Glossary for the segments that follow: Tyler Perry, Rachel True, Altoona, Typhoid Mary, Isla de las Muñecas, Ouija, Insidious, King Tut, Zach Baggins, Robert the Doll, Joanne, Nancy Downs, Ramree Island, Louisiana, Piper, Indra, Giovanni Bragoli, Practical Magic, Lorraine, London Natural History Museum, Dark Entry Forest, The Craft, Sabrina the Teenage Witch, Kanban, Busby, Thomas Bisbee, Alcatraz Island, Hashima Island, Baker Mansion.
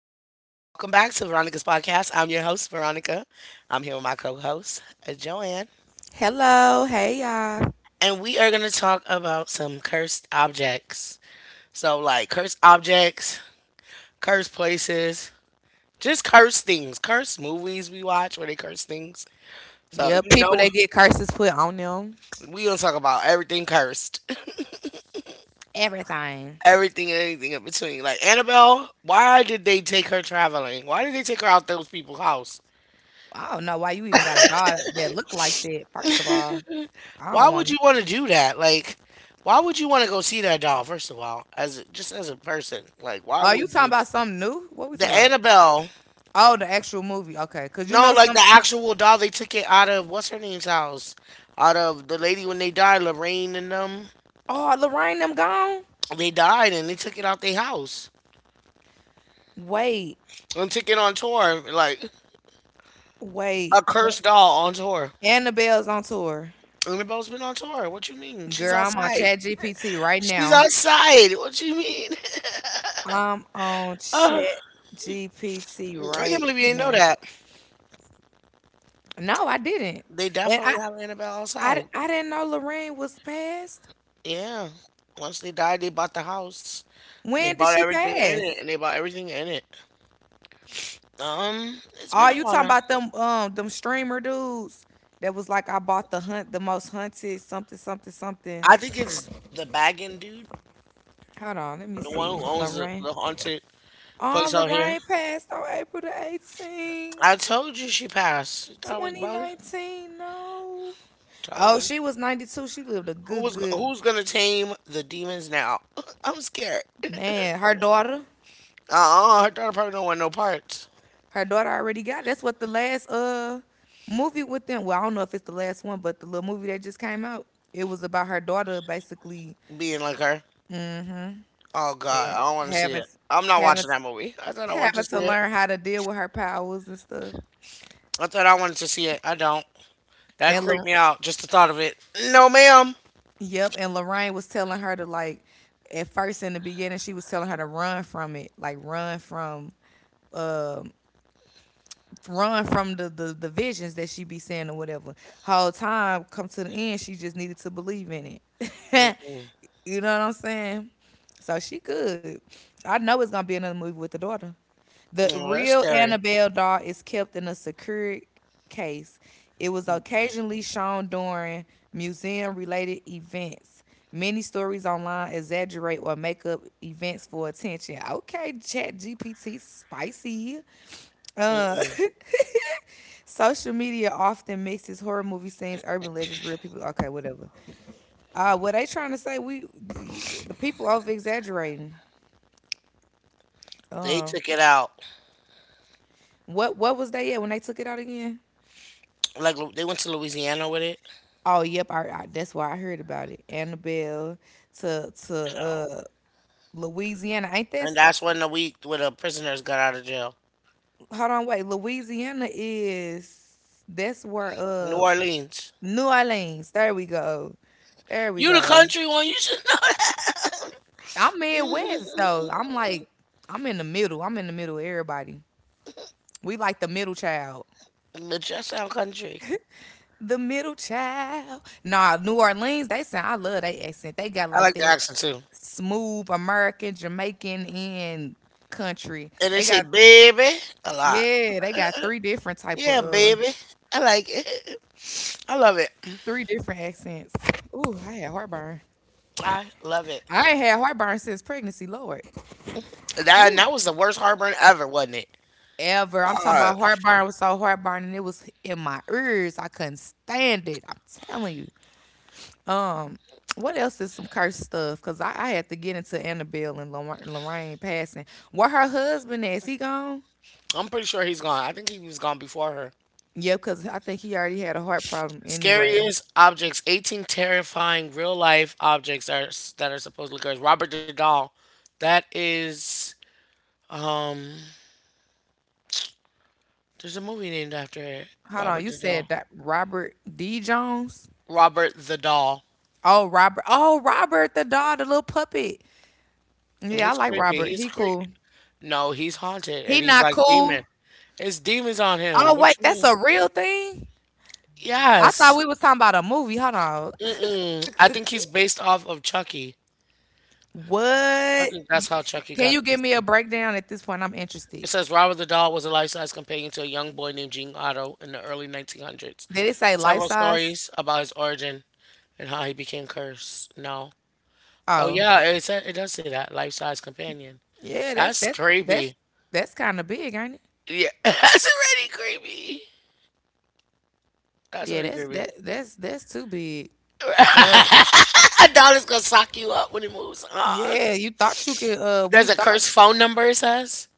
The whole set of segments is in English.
back to Veronica's podcast. I'm your host, Veronica. I'm here with my co host, Joanne. Hello, hey y'all. And we are going to talk about some cursed objects. So, like cursed objects, cursed places, just cursed things, cursed movies we watch where they curse things. So, Yep, you people that know, get curses put on them. we going to talk about everything cursed, Everything. everything and anything in between. Like, Annabelle, why did they take her traveling? Why did they take her out those people's house? I don't know why you even got a dog that look like that. First of all, I Why don't would want. you want to do that? Like, why would you want to go see that doll? First of all, as a, just as a person, like, why Are you would talking you? about something new? What we The talking about? Annabelle, Oh, the actual movie. Okay, cause you no, know like the some. actual doll. They took it out of what's her name's house, out of the lady when they died, Lorraine and them. Oh, Lorraine them gone. They died and they took it out their house Wait, and took it on tour, like a wait. cursed doll on tour. Annabelle's on tour. Annabelle's been on tour. What you mean? She's Girl, I'm on outside. Chat GPT right She's now. outside. What you mean? I'm on Uh, Chat GPT I can't right believe you didn't know now. that. No, I didn't. They And definitely have Annabelle I d- outside. I didn't know Lorraine was passed. Yeah. Once they died, they bought the house. They When did bought she everything in it, pass? and they bought everything in it. It's Oh, been a you while talking now. about them them streamer dudes that was like I bought the hunt the most hunted something something something. I think it's the bagging dude, Hold on, let me the one who see. owns the, Lorraine. the haunted Oh, place out here. Lorraine passed on April the 18th, I told you she passed. You thought I was bugging? 2019. No. Told Oh, you. she was 92. She lived a good, good Who's gonna tame the demons now? I'm scared. man. Her daughter. Uh-uh, her daughter probably don't want no parts Her daughter already got. It. That's what the last movie with them. Well, I don't know if it's the last one, but the little movie that just came out, it was about her daughter basically being like her. Oh God, and I don't want to see having it. I'm not having watching that movie. I thought I wanted to having to see it. learn how to deal with her powers and stuff. I thought I wanted to see it. I don't. That And creeped Lor- me out. Just the thought of it. No, ma'am. yep, and Lorraine was telling her to like at first in the beginning she was telling her to run from it, like um run from the visions that she be saying or whatever. Whole time come to the end, she just needed to believe in it. Mm-mm. You know what I'm saying? So she good. I know it's gonna be another movie with the daughter. The Mm, that's real scary. Annabelle doll is kept in a secure case. It was occasionally shown during museum related events. Many stories online exaggerate or make up events for attention. Okay, Chat GPT, spicy. Uh, Mm-mm. Social media often mixes horror movie scenes, urban legends, real people. Okay, whatever. What they trying to say? We the people over exaggerating. They took it out. What was they at when they took it out again? Like they went to Louisiana with it. Oh, yep. That's why I heard about it. Annabelle to to So, uh, Louisiana. Ain't that? and that's when the week where the prisoners got out of jail. Hold on, wait. Louisiana is that's where New Orleans. New Orleans. There we go. There we You the go. country one. You should know I'm Midwest though. that. I'm like I'm in the middle. I'm in the middle of everybody. We like the middle child. But you sound country. The middle child. Nah, New Orleans, they sound I love they accent. They got I like like the that accent too. smooth American, Jamaican, and country. And they They say got baby a lot. yeah, they got three different type of Yeah, baby. I like it. I love it. three different accents. Ooh, I had heartburn. I love it. I ain't had heartburn since pregnancy, Lord. That, and Woo. that was the worst heartburn ever, wasn't it? Ever. I'm talking God. about heartburn was so heartburn and it was in my ears. I couldn't stand it. I'm telling you. Um, what else is some cursed stuff? Cause I had to get into Annabelle and Lorraine passing. Where her husband is? He gone? I'm pretty sure he's gone. I think he was gone before her. Yeah, cause I think he already had a heart problem anyway. Scariest objects: 18 terrifying real life objects that are supposedly cursed. Robert the doll. That is um. There's a movie named after it. Hold Robert on, you the doll. said that Robert D. Jones? Robert the Doll. Oh, Robert. Oh, Robert, the dog, the little puppet. Yeah, I He's like creepy. Robert. He's He creepy. cool. No, he's haunted, He and he's not like demon. cool. It's demons on Oh him. What wait, you that's mean? a real thing. I thought Yes. we was talking about a movie. Hold on. Mm-mm. I think he's based off of Chucky. I What? think that's how Chucky Can you got give this. me a breakdown at this point? I'm It interested. says Robert the Doll was a life-size companion to a young boy named Gene Otto in the early 1900s. Did it say life Several size? stories about his origin and how he became cursed. No. Oh Oh, yeah, it said, it does say that life-size companion. yeah, That's that's creepy. that's kind of big, ain't it? Yeah, that's already creepy. That's Yeah, already that's creepy. that that's too big. Uh, A doll is gonna sock you up when it moves. Yeah, you thought you could. We There's a thought cursed phone number. It says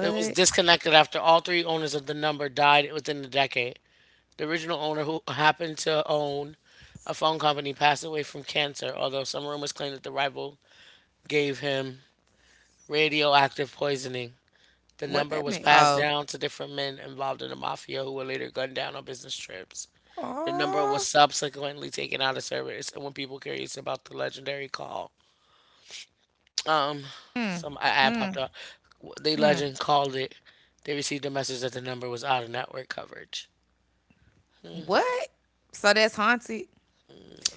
it was disconnected after all three owners of the number died within the decade. The original owner, who happened to own a phone company, passed away from cancer, although some rumors claim that the rival gave him radioactive poisoning. The what number that was meant? passed Oh, down to different men involved in the mafia who were later gunned down on business trips. The number was oh, subsequently taken out of service, and when people curious about the legendary call, um, mm, some ad popped mm, up. The mm. legend called it. They received a message that the number was out of network coverage. What? So that's haunted.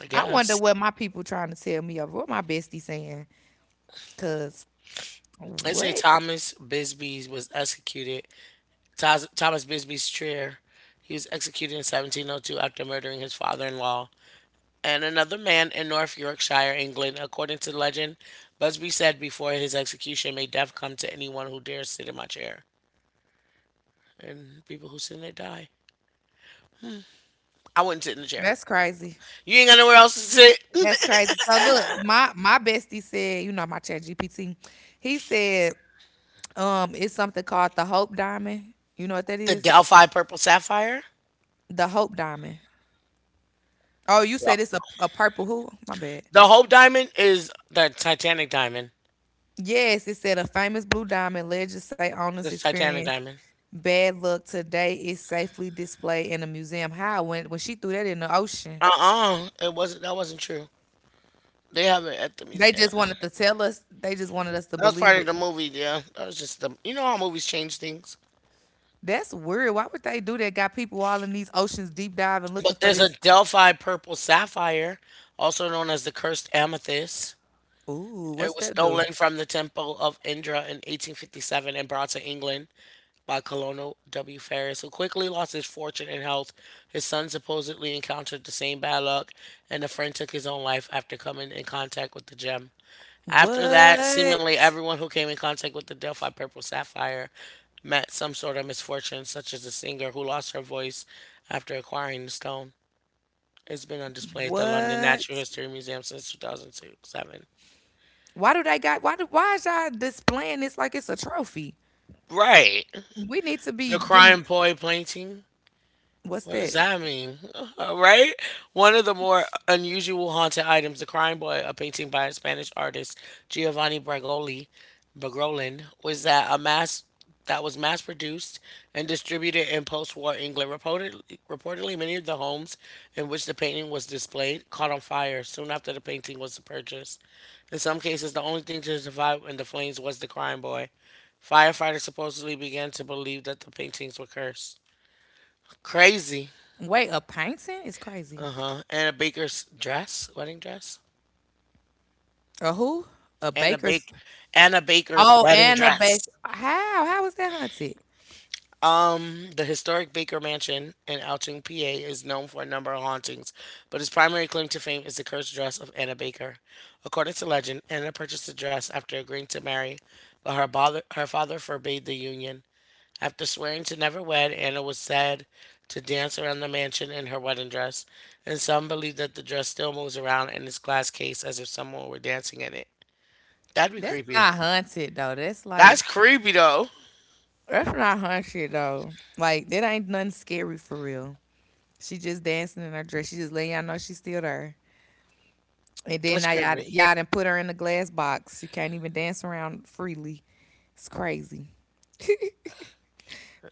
I I wonder guess. what my people trying to tell me over what my bestie saying. Cause Let's say what? Thomas Bisbee was executed. Thomas Bisbee's chair. He was executed in 1702 after murdering his father-in-law and another man in North Yorkshire, England. According to legend, Busby said before his execution, "May death come to anyone who dares sit in my chair." And people who sit in it die. I wouldn't sit in the chair. That's crazy. You ain't got nowhere else to sit. That's crazy. So look, my bestie said, you know, my chat GPT, he said it's something called the Hope Diamond. You know what that The is? Delphi Purple Sapphire. The Hope Diamond. Oh, you Yeah. said it's a purple who? My bad. The Hope Diamond is the Titanic Diamond. Yes, it said a famous blue diamond Legends say It's owners the Titanic experience Diamond. bad luck today is safely displayed in a museum. How when she threw that in the ocean. Uh, it wasn't. That wasn't true. They have it at the They museum. just wanted to tell us they just wanted us to That was part believe of the it. movie, yeah. That was just the you know how movies change things. That's weird. Why would they do that? Got people all in these oceans deep diving looking But for there's a this. Delphi purple sapphire, also known as the cursed amethyst. Ooh, It what's was that do? stolen from the temple of Indra in 1857 and brought to England by Colonel W. Ferris, who quickly lost his fortune and health. His son supposedly encountered the same bad luck, and a friend took his own life after coming in contact with the gem. After that, What? seemingly everyone who came in contact with the Delphi Purple Sapphire met some sort of misfortune, such as a singer who lost her voice after acquiring the stone. It's been on display at the London What? Natural History Museum since 2007. Why do they got why do why is y'all displaying this like it's a trophy? Right. We need to be The Crying getting Poi painting. what's What does that? that mean? Right? One of the more unusual haunted items, The Crying Boy, a painting by a Spanish artist, Giovanni Bragoli, Bragolin, was that a mass that was mass produced and distributed in post-war England. Reportedly many of the homes in which the painting was displayed caught on fire soon after the painting was purchased. In some cases, the only thing to survive in the flames was the crying boy. Firefighters supposedly began to believe that the paintings were cursed. Crazy. Wait, a painting is crazy. Uh-huh. Anna Baker's dress, wedding dress. A who? A Anna baker's Bake Anna Baker's oh, wedding and a bake. dress. How? How was that hunted? The historic Baker Mansion in Altoona, PA is known for a number of hauntings, but its primary claim to fame is the cursed dress of Anna Baker. According to legend, Anna purchased the dress after agreeing to marry, but her father forbade the union. After swearing to never wed, Anna was said to dance around the mansion in her wedding dress, and some believe that the dress still moves around in its glass case as if someone were dancing in it. That'd be That's creepy. not hunted though. That's like That's creepy though. that's not hunted though. Like that ain't nothing scary for real. She just dancing in her dress. She just letting y'all know she's still there. And then That's now y'all creepy. y'all done put her in the glass box. She can't even dance around freely. It's crazy.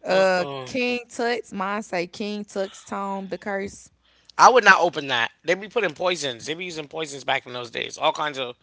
Uh-uh. King Tut's. Mine say King Tut's Tome, the curse. I would not open that. They be putting poisons. They be using poisons back in those days. All kinds of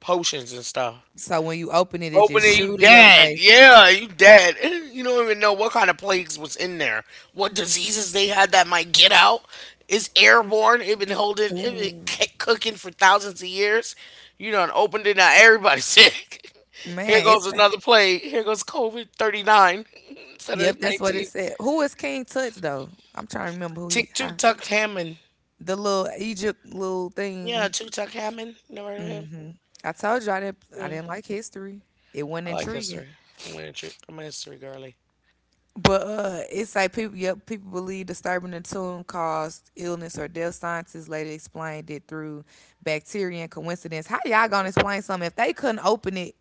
potions and stuff. So when you open it, it Open just it, you shoot in your dead. face. Yeah, you dead. You don't even know what kind of plagues was in there. What diseases they had that might get out. It's airborne. It been holding, it been Ooh, cooking for thousands of years. You done opened it. Now everybody's sick. Here man, it's goes another plague. Here goes COVID 39 instead of yep, that's what it 19. said. Who is King Tut's though? I'm trying to remember who he. Tick Tuk How, Tuk Hammond. the little Egypt little thing. Yeah, Tuk Tuk Hammond. You never heard of him? I told you I didn't. I Yeah. didn't like history. It wasn't I like intriguing. history. I'm a history girly. But it's like people, yep, people believe disturbing the tune caused illness or death. Scientists later explained it through bacteria and coincidence. How y'all gonna explain something if they couldn't open it?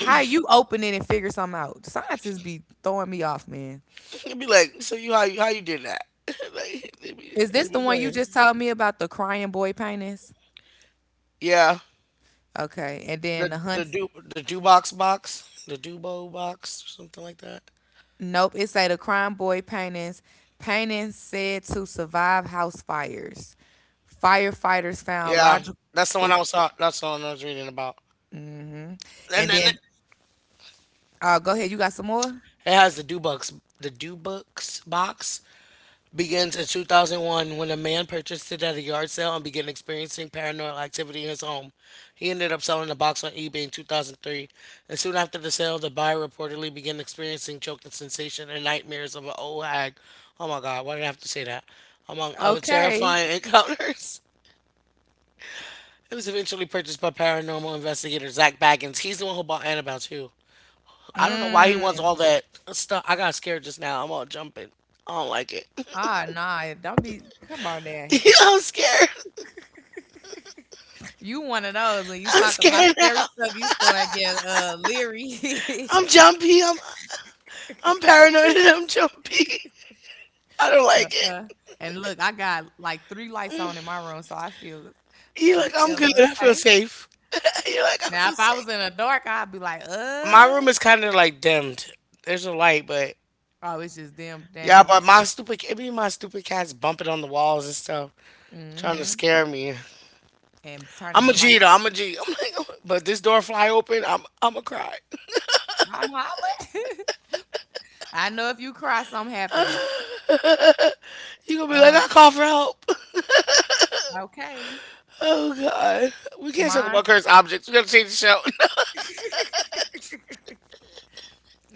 How you open it and figure something out? Scientists be throwing me off, man. It'd be like, so you how you how you did that? Like Is they this the be one you playing. just told me about the crying boy paintings? Yeah. Okay, and then the hunts. The do box box. The Dubo box or something like that. Nope, it say the crying boy paintings. Paintings said to survive house fires. Firefighters found Yeah. logical, That's the one I was reading about. And and then then it Oh, go ahead. You got some more? has the do books box begins in 2001 when a man purchased it at a yard sale and began experiencing paranormal activity in his home. He ended up selling the box on eBay in 2003, and soon after the sale, the buyer reportedly began experiencing choking sensation and nightmares of an old hag. Oh my God, why did I have to say that? Among other Okay. terrifying encounters. It was eventually purchased by paranormal investigator Zach Baggins. He's the one who bought Annabelle too. I don't know why he wants Mm. all that stuff. I got scared just now. I'm all jumping. I don't like it. Ah, nah. Don't be. Come on there. I'm scared. You one of those when you I'm talk about scared now. scary stuff, you start getting leery. I'm jumpy. I'm paranoid and I'm jumpy. I don't like it. uh, and look, I got like three lights on in my room, so I feel You're feel like, I'm a good. little I feel safe. safe. You're like, I Now, if feel I safe. was in the dark, I'd be like, My room is kind of like dimmed. There's a light, but oh, it's just dimmed yeah, down. but my stupid, it be my stupid cats bumping on the walls and stuff, trying to Mm-hmm. scare me. And turning I'm a the light G though. down. I'm a G. I'm like, but this door fly open, I'm a cry. I'm hollering. I know if you cry, something happening. You gonna be like, Uh, I call for help. okay. Oh God, we can't talk Mine about cursed objects. We gotta change the show.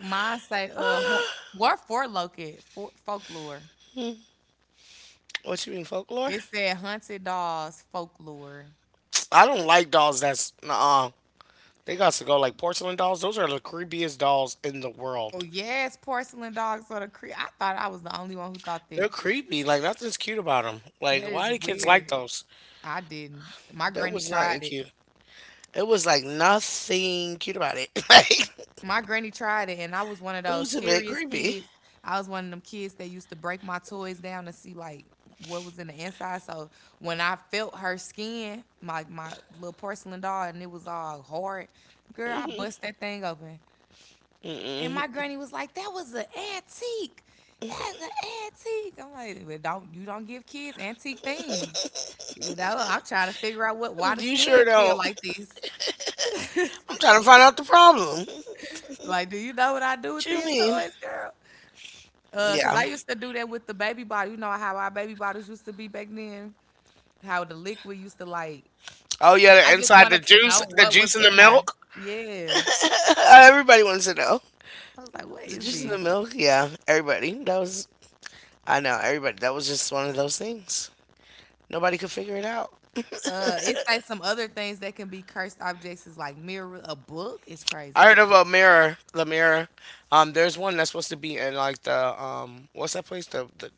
Mine say what for located for folklore. What you mean folklore? It said hunted dolls folklore. I don't like dolls that's they got to go like porcelain dolls. Those are the creepiest dolls in the Oh world. yes, porcelain dogs are the cre I thought I was the only one who thought that. They're creepy. Like nothing's cute about them. Like That is why do kids like weird. those? I didn't. My That granny was not tried it. cute. It was like nothing cute about it. Like My granny tried it, and I was one of it those was a bit curious creepy. kids. I was one of them kids that used to break my toys down to see like what was in the inside. So when I felt her skin, my little porcelain doll, and it was all hard, girl, I bust that thing open. And my granny was like, "That was an antique. That's an antique." I'm like, "But don't you don't give kids antique things." You know, I'm trying to figure out what why the You sure skin feel don't. like this. I'm trying to find out the problem. What Like, do you know what I do with you these mean? toys, girl? Cause Yeah. I used to do that with the baby bottle. You know how our baby bottles used to be back then. How the liquid used to like. Oh yeah, I just wanted to know the what was juice and the in there. milk. Yeah, Everybody wants to know. I was like, what The is juice and the this? milk. Yeah, everybody. That was I know everybody. That was just one of those things. Nobody could figure it out. It's like some other things that can be cursed objects is like mirror, a book. It's I crazy. heard of a mirror, the mirror. There's one that's supposed to be in like the what's that place? The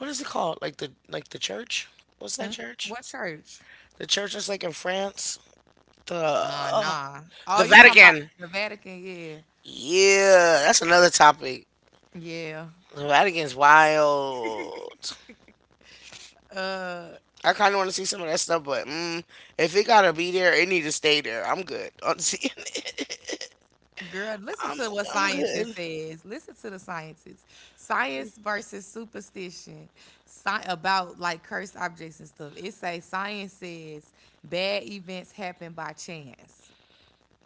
what is it called? Like the church? What's that church? What church? The church that's like in France. The uh, Nah. Oh, the you talking about Vatican. the Vatican? Yeah. Yeah, that's another topic. Yeah. The Vatican's wild. I kind of want to see some of that stuff, but if it gotta be there, it need to stay there. I'm good on seeing it. Girl, listen I'm to what I'm good. scientists says. Listen to the scientists. Science versus superstition. About like cursed objects and stuff. It say science says bad events happen by chance.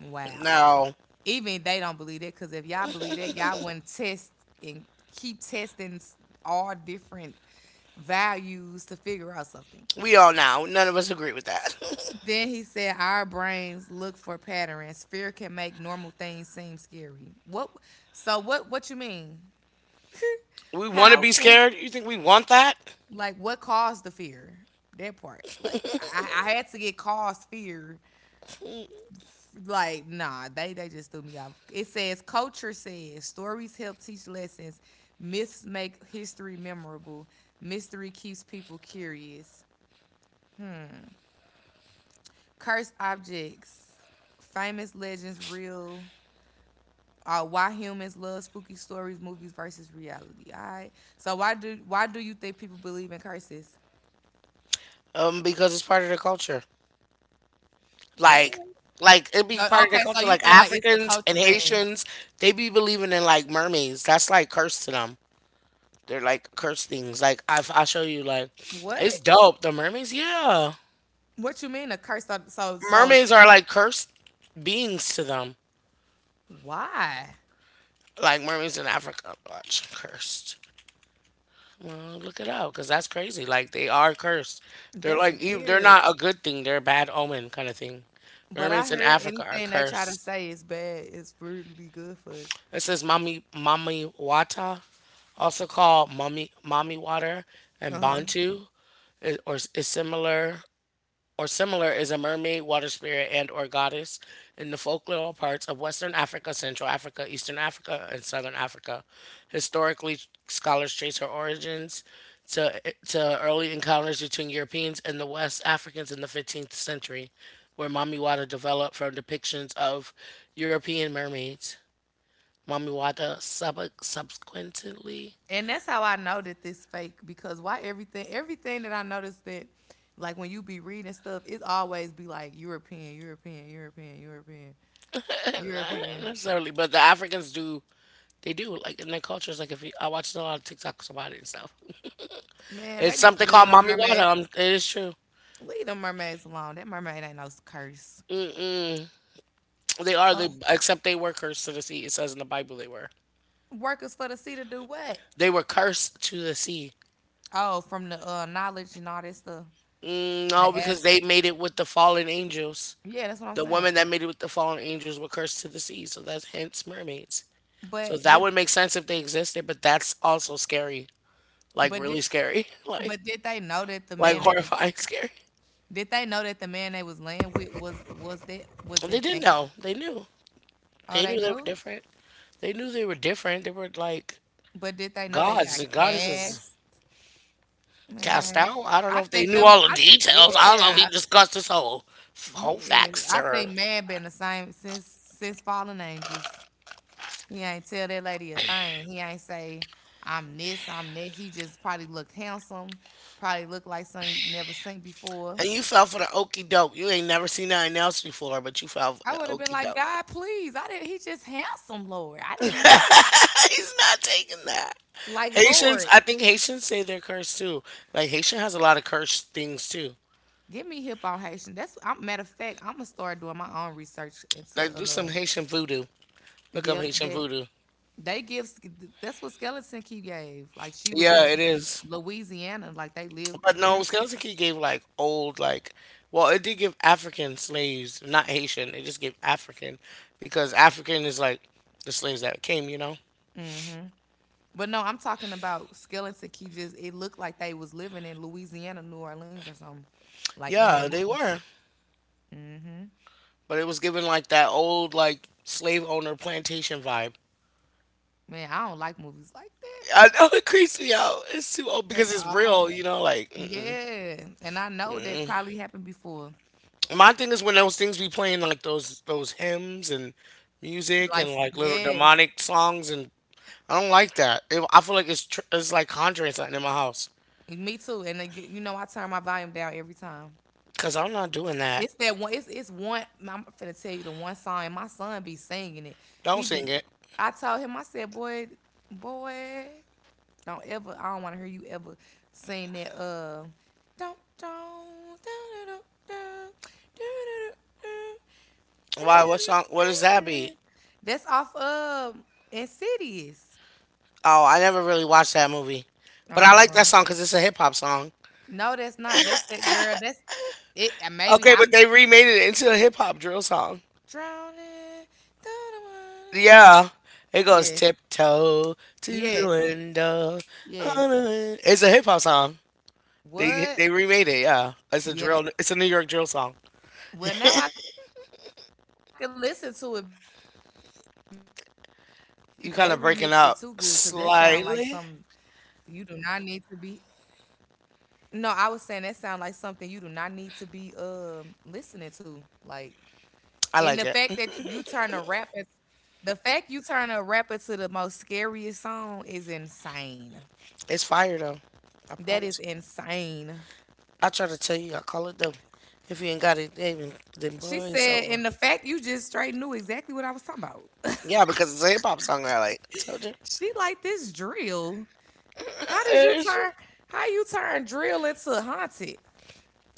Wow. No, Even they don't believe that because if y'all believe that, y'all wouldn't test and keep testing all different values to figure out something. we all know none of us agree with that. Then he said, "Our brains look for patterns. Fear can make normal things seem scary." What? So what? What you mean? We want to How be can scared. You think we want that? like what caused the fear? That part, like I had to get caused fear. Like nah, they just threw me off. It says culture says stories help teach lessons. Myths make history memorable. Mystery keeps people curious. Cursed objects, famous legends, real why humans love spooky stories, movies versus reality. All right. So why do you think people believe in curses? Because it's part of the culture. What? Like, like it be No, part of the okay, so culture. you Like feel like it's a Africans and culture thing. Haitians, they be believing in like mermaids. That's like cursed to them. They're like cursed things. Like I'll show you. Like What? it's dope. The mermaids, yeah. What you mean a curse? So Mermaids are like cursed beings to them. why? Like mermaids in Africa, watch cursed. Look it up, because that's crazy. Like they are cursed. They're That's like they're weird. not a good thing. They're a bad omen kind of thing. But I Mermaids in heard Africa are anything they try to cursed. say is bad is for to be good for us. It says mommy wata, also called mommy water, and Uh huh. bantu, i- or is similar or similar is a mermaid, water spirit, and or goddess in the folklore parts of Western Africa, Central Africa, Eastern Africa, and Southern Africa. Historically, scholars trace her origins to, to early encounters between Europeans and the West Africans in the 15th century, where Mamiwata developed from depictions of European mermaids. Mamiwata subsequently. And that's how I know that this fake because why everything that I noticed that like when you be reading stuff, it always be like European. Not European. necessarily, but the Africans do, they do, like in their cultures. Like if you, I watched a lot of TikToks about it and stuff. Man, It's they need to something leave called them mommy water. mermaids. It is true. Leave them mermaids alone. That mermaid ain't no curse. They are. They Except they were cursed to the sea. It says in the Bible they were. Workers for the sea to do what? They were cursed to the sea. Oh, from the knowledge and all that stuff. No, The ad. because they made it with the fallen angels. Yeah, that's what I'm The saying. women that made it with the fallen angels were cursed to the sea. So that's hence mermaids. So But that did would make sense if they existed, but that's also scary. Like but really did scary. Like but did they know that the like man they was horrifying scary. Did they know that the man they was laying with was And they that didn't thing? know. They knew. Oh, They knew they they were knew. different. They knew they were different. They were like But did they know they gods got and goddesses. cast? Cast Man, out. I don't know I if they think knew them. all the I, details. I don't know if he yeah, discussed this whole yeah, I factor. think man been the same since fallen angels. He ain't tell that lady a thing. He ain't say I'm this, I'm that. He just probably looked handsome, probably looked like something you never seen before. And you fell for the okey doke. You ain't never seen nothing else before, but you fell for I the would have been okey like, doke. God, please. I didn't. He just handsome, Lord. I didn't know. He's not taking that. Like, Haitians, Lord, I think Haitians say they're cursed too. Like Haitian has a lot of cursed things too. give me hip on Haitian. That's I'm matter of fact. I'm gonna start doing my own research into Like do some Haitian voodoo. Look up yep, Haitian that voodoo. They give that's what Skeleton Key gave. Like she was Yeah, it in is. Louisiana, like they lived. But no, Skeleton Key gave like old, like, well, it did give African slaves, not Haitian. It just gave African because African is like the slaves that came. Hmm. But no, I'm talking about Skeleton Key. Just it looked like they was living in Louisiana, New Orleans, or something. Like in that Yeah, they movie. were. Hmm. But it was given like that old like slave owner plantation vibe. Man, I don't like movies like that. I know it creeps me out. It's too old They because it's real, all you know. Like mm-mm. yeah, and I know that probably happened before. My thing is when those things be playing like those hymns and music Like and like little yes, demonic songs. And I don't like that. I feel like it's like conjuring something in my house. me too. And then I turn my volume down every time. Cause I'm not doing that. It's that one. It's one. I'm finna tell you the one song, and my son be singing it. Don't He sing be. it. I told him. I said, boy, boy, don't ever. I don't want to hear you ever sing that. Don't. Da-da-da, da, da-da-da, Why? What song? What does that da-da-da, da. be? That's off of Insidious. Oh, I never really watched that movie, but I like that Um, song because it's a hip hop song. no, that's not. That's that girl. That's it. Maybe Okay, I'm but they remade it into a hip hop drill song. drowning. Yeah, it goes Yes, tiptoe to the yes. window. On the Yes. win-" It's a hip hop song. They What? they remade it. Yeah, it's a Yeah. That, drill. It's a New York drill song. well, now I can listen to it because it ain't got no spiritual. But they You they kind of breaking remixed it up too good because that sound like slightly. something you do not need to be. No, I was saying that sound like something you do not need to be listening to. Like, I and like the it. fact that you turn a rapper, the fact you turn a rapper to the most scariest song is insane. It's fire though. I That is promise. insane. I try to tell you, I call it though. If you ain't got it, then She boy, it's said, over. and the fact you just straight knew exactly what I was talking about. Yeah, because it's a hip hop song. I like. I told you. She like this drill. How did you It's turn? How you turn drill into haunted?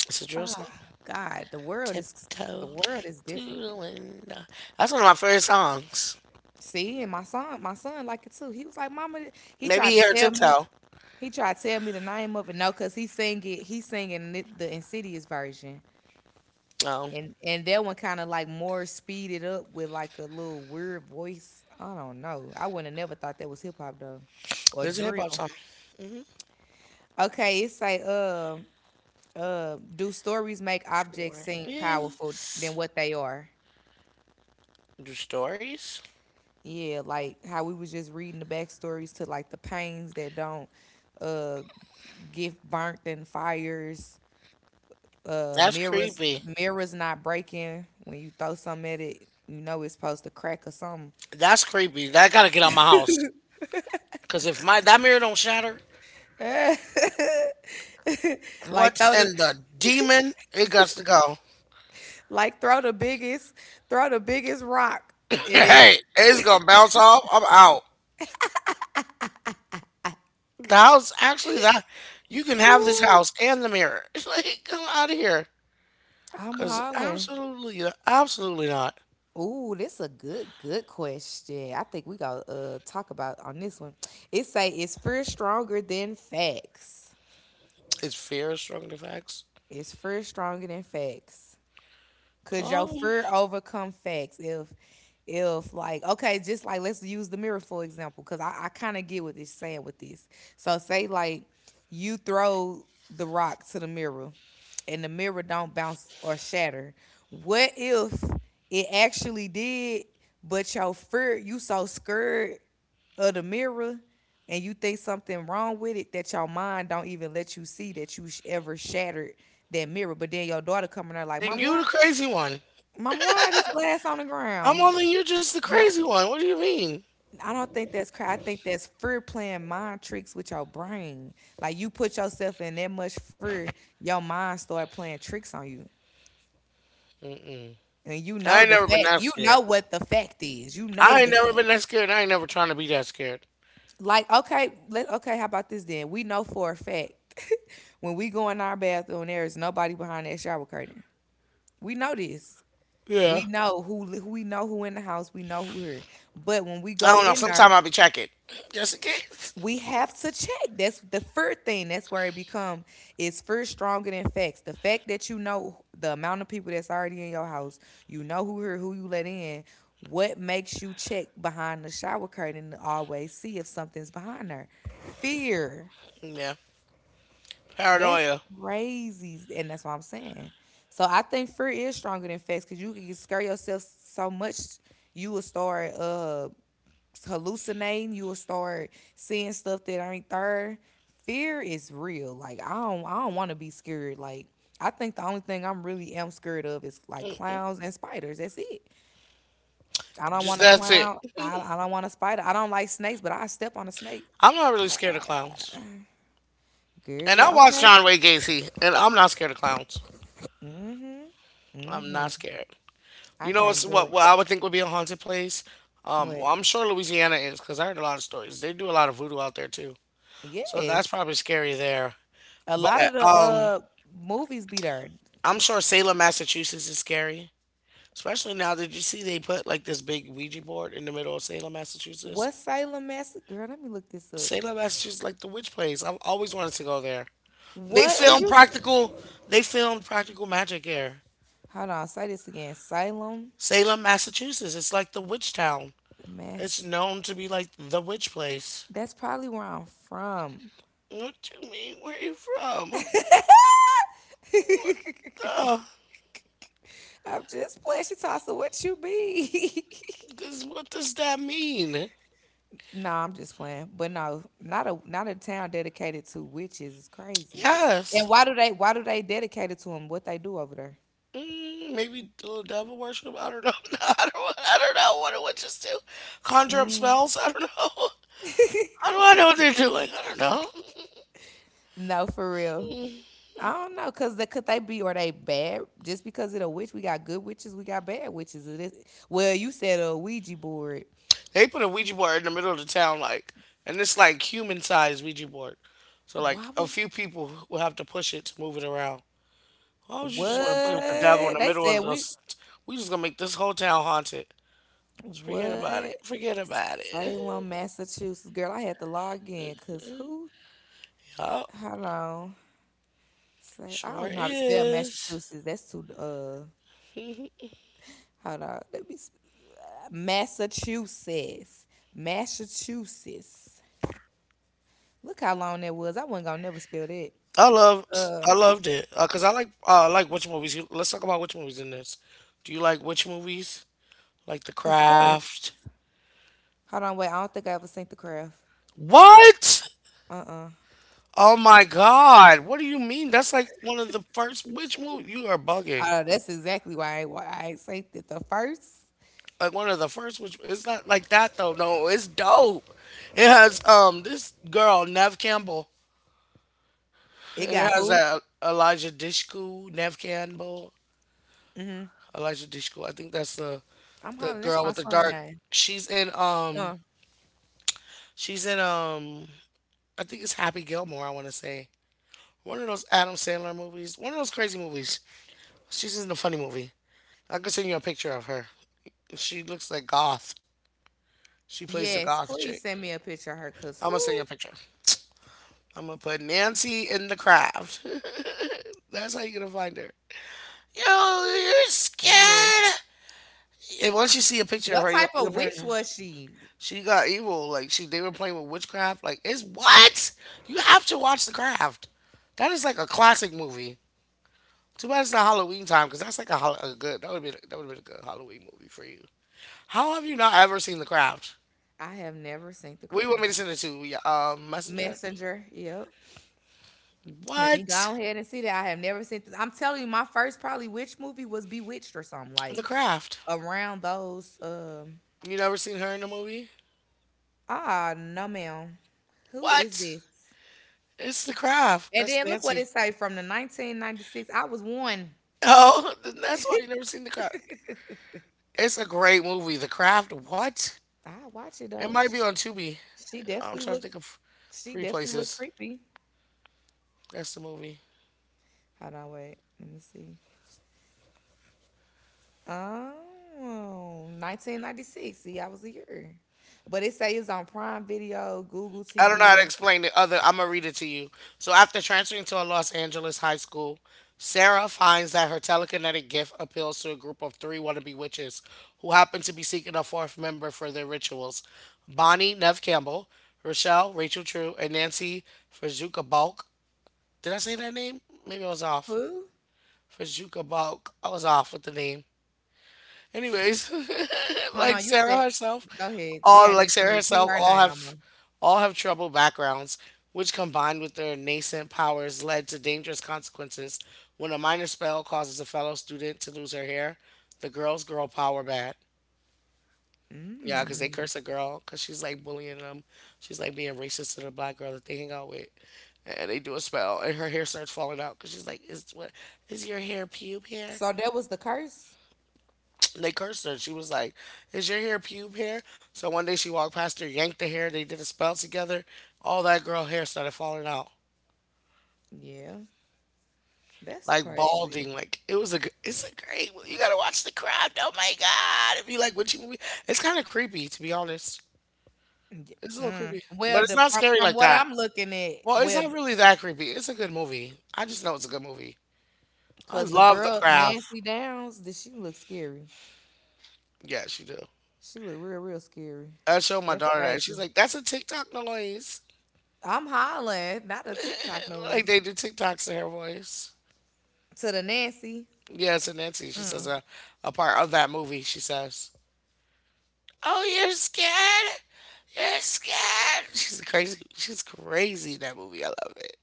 it's a drill Oh song. God, the Tiptoe world is to different. the window. That's one of my favorite songs. See, and my son like it too. He was like, "Mama," he Maybe tried you to heard tell me. Tiptoe. He tried to tell me the name of it. No, cause he sing it. He's singing it, the Insidious version, Oh, and that one kind of like more speeded up with like a little weird voice. I don't know. I wouldn't have never thought that was hip hop though, or there's a hip hop drill. song. Hmm. Okay, it say do stories make objects Sure. seem powerful than Yes. what they are? Do stories? Yeah, like how we was just reading the backstories to like the pains that don't uh get burnt in fires, That's mirrors, creepy. mirrors not breaking when you throw something at it, you know it's supposed to crack or something. That's creepy. That gotta get out my house. Cause if my that mirror don't shatter, what like throw the in the demon? It got to go. like throw the biggest Throw the biggest rock and it Hey, it's gonna bounce off. I'm out. The house, actually, that you can have this ooh, house and the mirror. It's like, come out of here. I'm Because hollering. absolutely, absolutely not. Ooh, this a good, good question. I think we gotta talk about on this one. It say is fear stronger than facts. Is fear a strong defects? Is fear stronger than facts? Could your Um, fear overcome facts? If like okay, just like let's use the mirror for example, because I kind of get what it's saying with this. So say like you throw the rock to the mirror and the mirror don't bounce or shatter. What if it actually did, but your fear you so scared of the mirror and you think something wrong with it that your mind don't even let you see that ever shattered that mirror. But then your daughter coming out like, then Mama, you the why crazy one. Mom, why this glass on the I'm ground? on the You're just the No, crazy one. What do you mean? I don't think that's cry. I think that's fear playing mind tricks with your brain. Like you put yourself in that much fear, your mind start playing tricks on you, Mm-mm. and you I know ain't the never been fact. that You know scared. what the fact is. You know I ain't the never fact. been that scared. I ain't never trying to be that scared. Okay. How about this then? We know for a fact when we go in our bathroom, there is nobody behind that shower curtain. We know this. Yeah. We know who in the house. We know who here. But when we I go don't know. in Sometime there, I'll be checking just in case. we have to check. That's the first thing. That's where it become is first stronger than facts. The fact that you know the amount of people that's already in your house, you know who you let in. What makes you check behind the shower curtain to always see if something's behind there? Fear. Yeah. That's Paranoia. crazy, and that's what I'm saying. So I think fear is stronger than facts because you can scare yourself so much, you will start hallucinating, you will start seeing stuff that ain't there. Fear is real. Like I don't want to be scared. Like I think the only thing I'm really am scared of is like clowns and spiders. That's it. I don't Just want a that's it. clown. I don't want a spider. I don't like snakes, but I step on a snake. I'm not really Like, scared of clowns. And I girl, watched okay. John Wayne Gacy, and I'm not scared of clowns. Mhm. I'm not Mhm. scared. I You know can't do it. what I would think would be a haunted place? What? Well, I'm sure Louisiana is because I heard a lot of stories. They do a lot of voodoo out there too, so that's Yes. probably scary there. A lot of But the movies be there. I'm sure Salem, Massachusetts is scary, especially now. Did you see they put like this big Ouija board in the middle of Salem, Massachusetts? What Salem Mass? Girl, let me look this up. Salem, Massachusetts, like the witch place. I've always wanted to go there. They What is filmed you? practical. They filmed Practical Magic here. Hold on, say this again. Salem, Salem, Massachusetts. It's like the witch town. It's Mass. known to be like the witch place. That's probably where I'm from. What do you mean? Where you from? What the? I'm just playing. She talks to what you be. 'Cause what does that mean? No, I'm just playing. But no, not a town dedicated to witches is crazy. And Yes. Why do they dedicate it to them? What they do over there? Maybe do a devil worship. I don't know. I don't. I don't know what do witches do. Conjure up Mm. spells. I don't know. How do I know what they're doing? I don't know. No, for real. I don't know, cause they, could they be or they bad? Just because it a witch, we got good witches, we got bad witches. It is, well, you said a Ouija board. They put a Ouija board in the middle of the town, like, and it's like human sized Ouija board. So like Why a was few people will have to push it to move it around. Why would you just want to play with the devil in What? the They middle said of we this? We just gonna make this whole town haunted. Just forget about it. what? Forget about it. Salem, Massachusetts. Girl, I had to log in because who? Yup, Hold on. Say I sure don't know how to spell is. Massachusetts. That's too hold on. Massachusetts. Massachusetts. Look how long that was. I wasn't gonna never spell that. I love, I loved it, cause I like witch movies. Let's talk about witch movies in this. Do you like witch movies? Like The Of course. Craft? Hold on, wait, I don't think I ever sent the craft. What? Uh-uh. Oh my God! What do you mean? That's like one of the first witch movies. You are bugging. Oh, that's exactly why I ain't it. The first, Like one of the first which, it's not like that though. No, it's dope. It has this girl Nev Campbell. it And got it has who? that Elijah Dishku, Nev Campbell. Mm-hmm. Elijah Dishku, I think that's the I'm the hollering. That's girl my with the son dark. name. She's in. Uh. She's in. I think it's Happy Gilmore, I want to say. One of those Adam Sandler movies, one of those crazy movies. She's in a funny movie. I could send you a picture of her. She looks like goth. She plays the Yes, goth chick. please send me a picture of her because I'm gonna send you a who? picture. I'm gonna put Nancy in The Craft. That's how you're gonna find her. Yo, you're Yeah. scared. And once you see a picture of What her, you'll, type you'll of witch probably, was she? she got evil. Like they were playing with witchcraft. Like it's what, you have to watch The Craft. That is like a classic movie. Too bad it's not Halloween time because that's like a good. That would have been a good Halloween movie for you. How have you not ever seen The Craft? I have never seen the What do you want craft. me to send it to? Yeah, Messenger. Messenger. Yep. Let me What? go ahead and see that. I have never seen this. I'm telling you, my first probably witch movie was Bewitched or something The like Craft. around those. You never seen her in a movie? No, ma'am. Who is What? this? It's The Craft. And That's then look what Nancy. it say from the 1996. I was one. Oh, then that's why you never seen The Craft. It's a great movie. The Craft. What? I watch it It though. might be on Tubi. She I'm definitely trying to look. think of She free definitely look places. creepy. That's the movie. Hold on, wait. Let me see. Oh, 1996. See, I was a year. But it say it's on Prime Video, Google I don't know how to TV. explain it. Other, I'm gonna read it to you. So after transferring to a Los Angeles high school, Sarah finds that her telekinetic gift appeals to a group of three wannabe witches who happen to be seeking a fourth member for their rituals. Bonnie Nev Campbell, Rochelle Rachel True, and Nancy Fazuka. Did I say that name? Maybe I was off. Who? Fajuka Balk. I was off with the name. Anyways, Hold like on, you Sarah said. herself, Go ahead. We ain't like even gonna Sarah repeat herself, her all name have no more. Troubled backgrounds, which combined with their nascent powers led to dangerous consequences. When a minor spell causes a fellow student to lose her hair, the girls grow power bad. Yeah, cause they Mm. curse a girl, cause she's like bullying them. She's like being racist to the black girl that they hang out with. And they do a spell, and her hair starts falling out. Cause she's like, "Is what? Is your hair pube hair?" So that was the curse. And they cursed her. She was like, "Is your hair pube hair?" So one day she walked past her, yanked the hair. They did a spell together. All that girl hair started falling out, Yeah, that's like crazy. balding. Like it was a, it's a great movie. You gotta watch The Craft. Oh my god! If you like witchy movie, it's kind of creepy to be honest. It's a little Mm. creepy, but Well, it's not scary from like what that. I'm looking at, Well, it's well, not really that creepy. It's a good movie. I just know it's a good movie. I cause the love The girl Craft. Nancy Downs, did she look scary? Yes, you do. She look real, real scary. I showed my That's daughter that. She's crazy. like, that's a TikTok noise. I'm hollering, not a TikTok Like noise. they do TikToks to her voice. To the Nancy. Yeah, it's a Nancy. She says Mm. A part of that movie. She says, "Oh, you're scared. You're scared." She's crazy. She's crazy in that movie. I love it.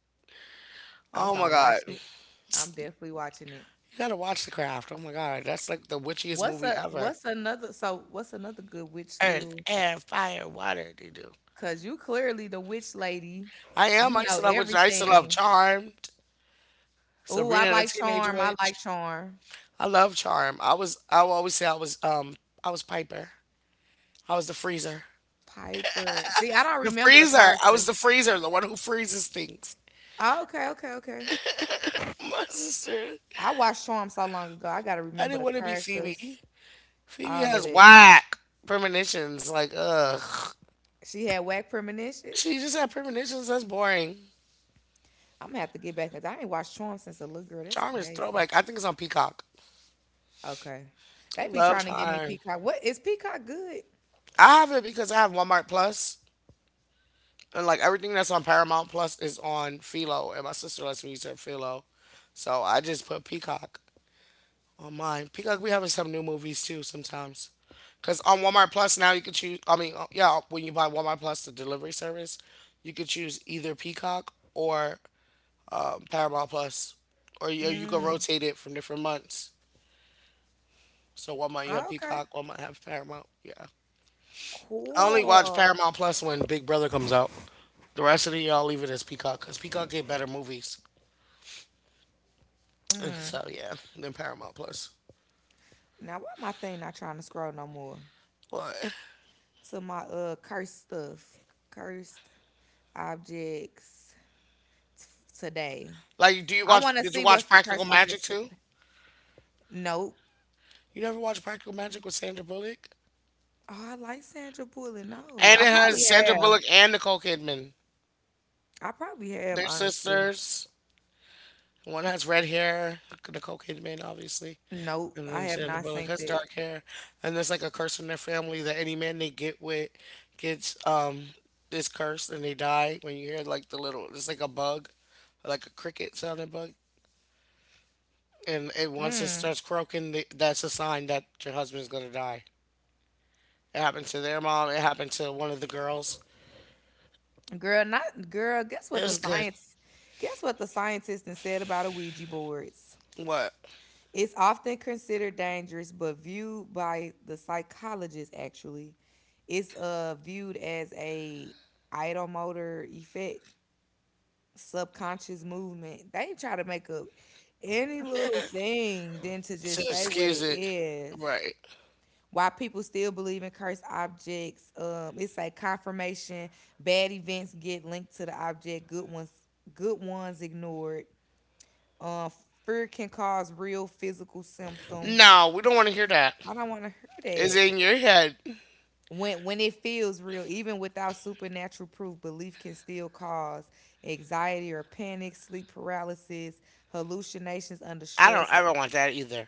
I'm Oh gonna my watch god, you it. I'm definitely watching it. gotta watch The Craft. Oh my god, that's like the witchiest What's movie a ever. what's another so what's another good witch Earth, little air, fire, water. They do. cause you clearly the witch lady. I am. You I used know to love which I used to love everything. Charmed, Ooh, I Sabrina the like Teenage Charm. I like Witch. Charm. I love Charm. I will always say I was I was Piper. I was the freezer. Piper. See, I don't The remember the freezer. I was the characters. freezer, the one who freezes things. Oh, okay, okay, okay. My sister. I watched Charm so long ago. I gotta I remember didn't the want to be characters, Phoebe. Phoebe all of has that. whack premonitions. Like, ugh. She had whack She premonitions. just had premonitions. That's boring. I'm gonna have to get back because I ain't watched Charm since a little girl. That's Charm is crazy. throwback. I think it's on Peacock. Okay. They be Love trying to give me Charm. peacock. What is peacock good? I have it because I have Walmart Plus, and like everything that's on Paramount Plus is on Philo, and my sister lets me use her Philo, so I just put Peacock on mine. Peacock, we having some new movies too sometimes, cause on Walmart Plus now you can choose. When you buy Walmart Plus the delivery service, you could choose either Peacock or Paramount Plus, or you can Mm. rotate it from different months. So one month you have Oh, okay. Peacock, one month have Paramount. Yeah, I only watch Cool. Paramount Plus when Big Brother comes out. The rest of the year I'll leave it as Peacock, cause Peacock get better movies. Mm. So yeah, then Paramount Plus. Now why my thing not trying to scroll no more? What? To my cursed stuff. Cursed objects t- today. Like, do you I watch? wanna Did you see what's watch the Practical cursed objects Magic for too? today. Nope. You never watched Practical Magic with Sandra Bullock? Oh, I like Sandra Bullock. No. And I it has probably Sandra have. Bullock and Nicole Kidman. I probably have, They're honestly. sisters. One has red hair, Nicole Kidman, obviously, Nope. and I then have Sandra not Bullock seen has that. dark hair. And there's like a curse in their family that any man they get with gets this curse and they die. When you hear like the little, it's like a bug, like a cricket sounding bug and it, once it Mm. starts croaking, that's a sign that your husband's gonna die. It happened to their mom. It happened to one of the girls. Girl, not girl, guess It what the was good. science guess what the scientist done said about Ouija boards? What? It's often considered dangerous, but viewed by the psychologist actually, it's viewed as a idiomotor effect, subconscious movement. They try to make up any little thing than to just To say what excuse it it. is Right. why people still believe in cursed objects. It's like confirmation. Bad events get linked to the object. Good ones ignored. Um, fear can cause real physical symptoms. No, we don't want to hear that. I don't want to hear It's that. in your head. When it feels real, even without supernatural proof, belief can still cause anxiety or panic, sleep paralysis, hallucinations under I don't stress, ever want that either.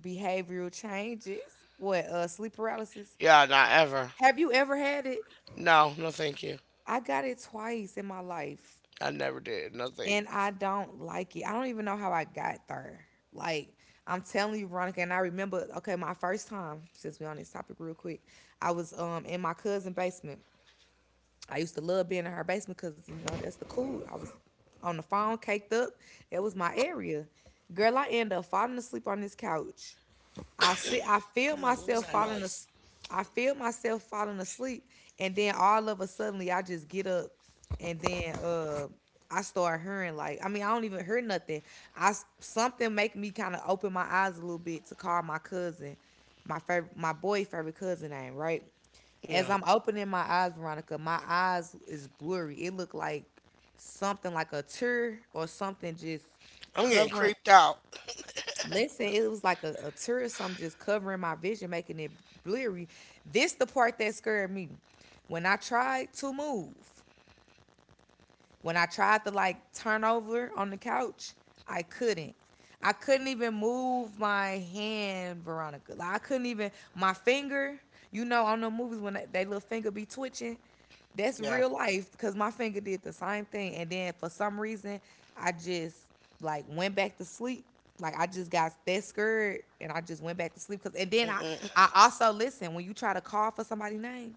behavioral changes. What? Sleep paralysis. Yeah, not ever. Have you ever had it? No, no, thank you. I got it twice in my life, I never did. No and thanks. I don't like it. I don't even know how I got there. Like, I'm telling you, Veronica, and I remember, okay, my first time, since we on this topic real quick, I was in my cousin's basement. I used to love being in her basement because, you know, that's the cool. I was on the phone, caked up. That was my area. Girl, I end up falling asleep on this couch. I see I feel I'm like, what was myself that falling noise? as I feel myself falling asleep, and then all of a suddenly I just get up, and then I start hearing, like, I mean, I don't even hear nothing. Something make me kind of open my eyes a little bit to call my cousin, my favorite my boy favorite cousin name, right? Yeah. As I'm opening my eyes, Veronica, my eyes is blurry. It looked like something like a tear or something just I'm getting covering. creeped out. Listen, it was like a tear or something just covering my vision, making it blurry. This the part that scared me. When I tried to move, when I tried to like turn over on the couch, I couldn't. I couldn't even move my hand, Veronica. Like, I couldn't even my finger. You know, on the movies when that, they little finger be twitching, that's Yeah. real life, because my finger did the same thing. And then for some reason, I just like went back to sleep. Like, I just got that scared and I just went back to sleep. Cause, and then I Mm-mm. I also listen, when you try to call for somebody's name,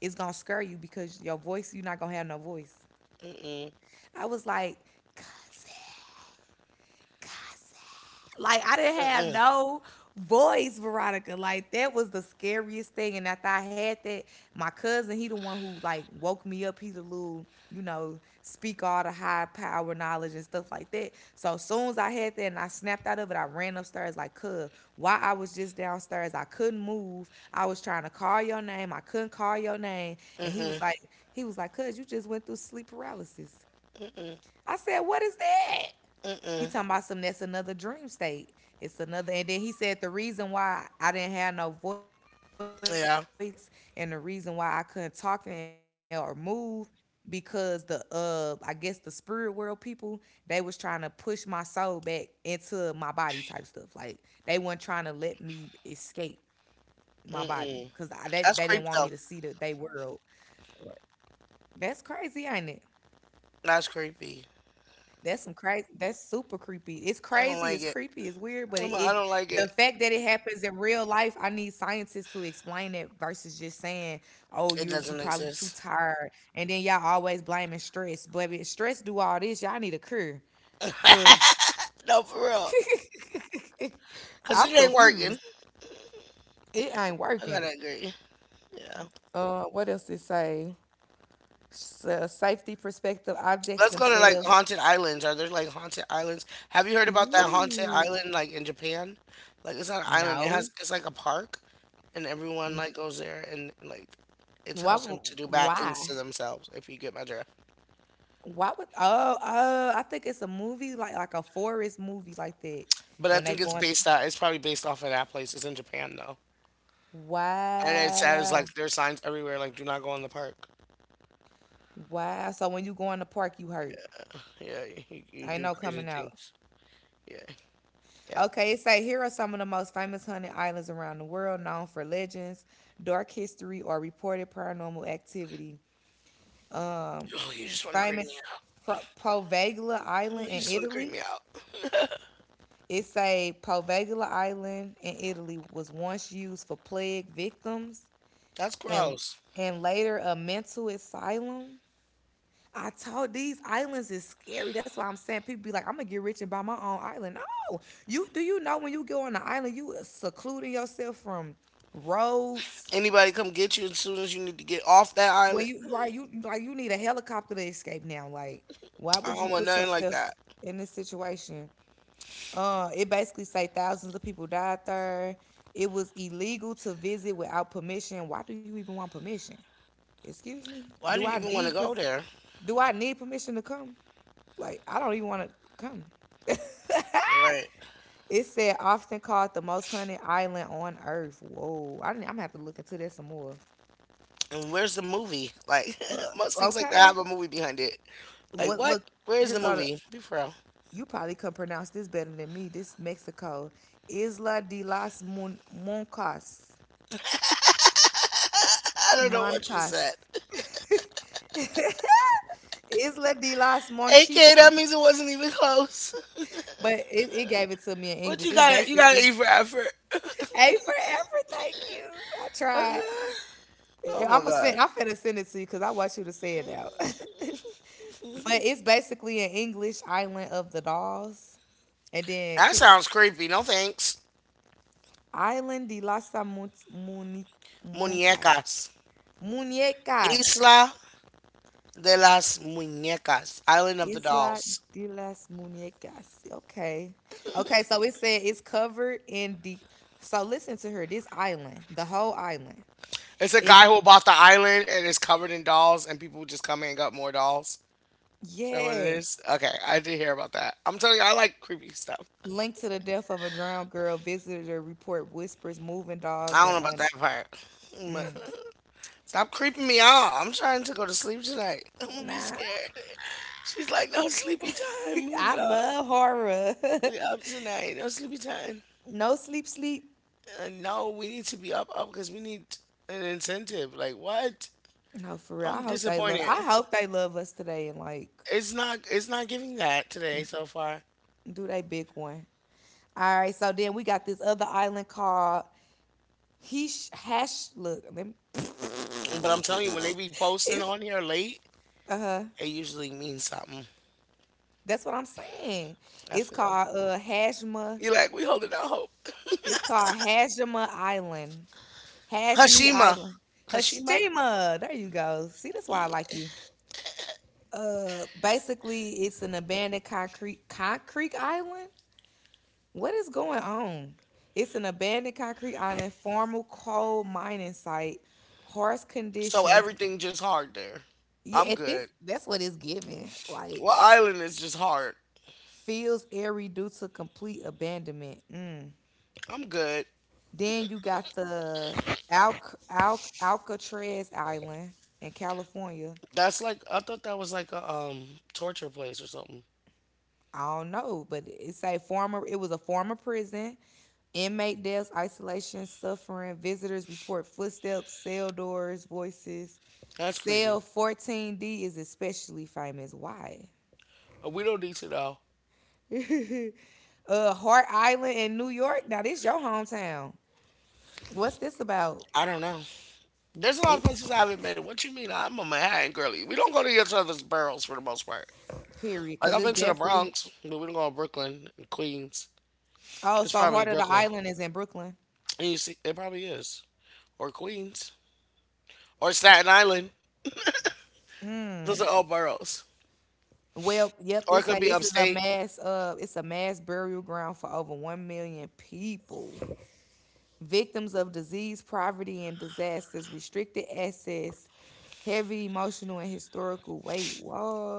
it's gonna scare you because your voice, you're not gonna have no voice. Mm-mm. I was like, cousin, cousin. Like, I didn't have no voice, Veronica. Like, that was the scariest thing. And after I had that, my cousin, he the one who like woke me up. He the little, you know, speak all the high power knowledge and stuff like that. So as soon as I had that and I snapped out of it, I ran upstairs like, cuz, while I was just downstairs, I couldn't move. I was trying to call your name. I couldn't call your name. And he was like, cuz, you just went through sleep paralysis. I said, what is that? He talking about some that's another dream state. It's another, and then he said the reason why I didn't have no voice and the reason Yeah. why I couldn't talk and or move because the I guess the spirit world people, they was trying to push my soul back into my body type stuff. Like, they weren't trying to let me escape my body because they didn't want me to Mm-mm. see the they That's creepy, world. though. That's crazy, ain't it? That's That's some creepy. crazy. That's super creepy. It's crazy. It's creepy. It's I don't weird. like But it. The I'm like, fact I that don't it like it. happens in real life, I need scientists to explain it versus just saying, "Oh, you're you probably It too doesn't tired," exist. and then y'all always blaming stress. But if stress do all this, y'all need a cure. Cause No, for real. I'm Because it ain't confused. working. It ain't working. I gotta agree. Yeah. What else it say? Safety perspective objects Let's go to like themselves. haunted islands. Are there like haunted islands? Have you heard about that haunted Ooh, island like in Japan? Like it's not an island. It no. has it's like a park and everyone like goes there and like it Why? tells them w- to do bad things Why? to themselves if you get my drift. Why would? Oh, oh! I think it's a movie, like a forest movie like that. But I When they think it's go into, based out it's probably based off of that place. It's in Japan though. And it says wow, like there's signs everywhere like do not go in the park. wow. So when you go in the park, you hurt. Yeah, you Ain't do no crazy coming out. things. Yeah, yeah. Okay, it say here are some of the most famous haunted islands around the world, known for legends, dark history, or reported paranormal activity. Oh, you just want to creep me Famous out. Poveglia Come on, Island you in just want to creep me Italy. out. It say Poveglia Island in Italy was once used for plague victims That's and gross. and later a mental asylum. I told these islands is scary. That's why I'm saying people be like, I'm gonna get rich and buy my own island. No, you do you know when you go on the island, you secluding yourself from roads. Anybody come get you as soon as you need to get off that When island? you right, you like you need a helicopter to escape now. Like, why I would don't you want put nothing like yourself that. in this situation? It basically say thousands of people died there. It was illegal to visit without permission. Why do you even want permission? Excuse me. Why Do do you I even want need? to go there? Do I need permission to come? Like, I don't even want to come. Right. It said often called the most hunted island on earth. Whoa, I didn't, I'm gonna have to look into this some more. And where's the movie? Like, But most things like that have okay, a movie behind it. Like, what? what? Look, Where is here the go to movie? Be for real. you. Probably can pronounce this better than me. This Mexico, Isla de las Mon- Moncas, I don't know what you Moncas, said. Isla de las AK, Monchisas. that means it wasn't even close. But it gave it to me in What English. you It's got? You got to basically eat for effort. A for effort. Thank you. I tried. Oh I'm my gonna send. god. I'm finna send it to you because I want you to say it out. But it's basically an English Island of the Dolls, and then That sounds creepy. No thanks. Island de las Muncas, Muñecas. Muñecas. Isla de las Muñecas, Island of the Isla Dolls. de las Muñecas. Okay, okay. So it said it's covered in the. So listen to her. This island, the whole island, It's a it's guy who bought the island and it's covered in dolls, and people just come in and got more dolls. Is that what it is? yes. Okay, I did hear about that. I'm telling you, I like creepy stuff. Linked to the death of a drowned girl, visitor report whispers moving dolls I don't and know about un. that part. But stop creeping me out. I'm trying to go to sleep tonight. I'm gonna be Nah. scared. She's like, no sleepy time. We I up. love horror. We up tonight. No sleepy time. No sleep, sleep. No, we need to be up, up because we need an incentive. Like what? No, for real. I'm disappointed. I hope they love us today, and like It's not giving that today so far. do they big one. All right. So then we got this other island called Hesh Hash. Look, let me- But I'm telling you, when they be posting it's on here late, it usually means something. that's what I'm saying. I It's feel. called Hashma. You're like, we holding out hope. It's called Hashima Island. Hashmi Hashima. Island. Hashima? Hashima. There you go. See, that's why I like you. Basically, it's an abandoned concrete island. What is going on? It's an abandoned concrete island, former coal mining site, harsh So conditions. everything just hard there. Yeah, I'm at this good. that's what it's giving. Well Like, island is just hard. feels airy due to complete abandonment. Mm. I'm good. Then you got the Al Al Alcatraz Island in California. That's like I thought that was like a torture place or something. I don't know, but it's a former, it was a former prison. Inmate deaths, isolation, suffering. Visitors report footsteps, cell doors, voices. That's creepy. Cell 14D is especially famous. Why? We don't need to know. Hart Island in New York. Now, this your hometown. What's this about? I don't know. There's a lot of It places I haven't been. What you mean? I'm a Manhattan girly. We don't go to each other's barrels for the most part. period, Like because I've been it's to the definitely. Bronx, but we don't go to Brooklyn and Queens. Oh, It's so Heart probably of the Brooklyn. Island is in Brooklyn. And you see, it probably is, or Queens, or Staten Island. Those are Mm. all boroughs. Well, yep. Or it This could say be this is a upstate. mass. It's a mass burial ground for over 1,000,000 people, victims of disease, poverty, and disasters, restricted access, heavy emotional and historical weight.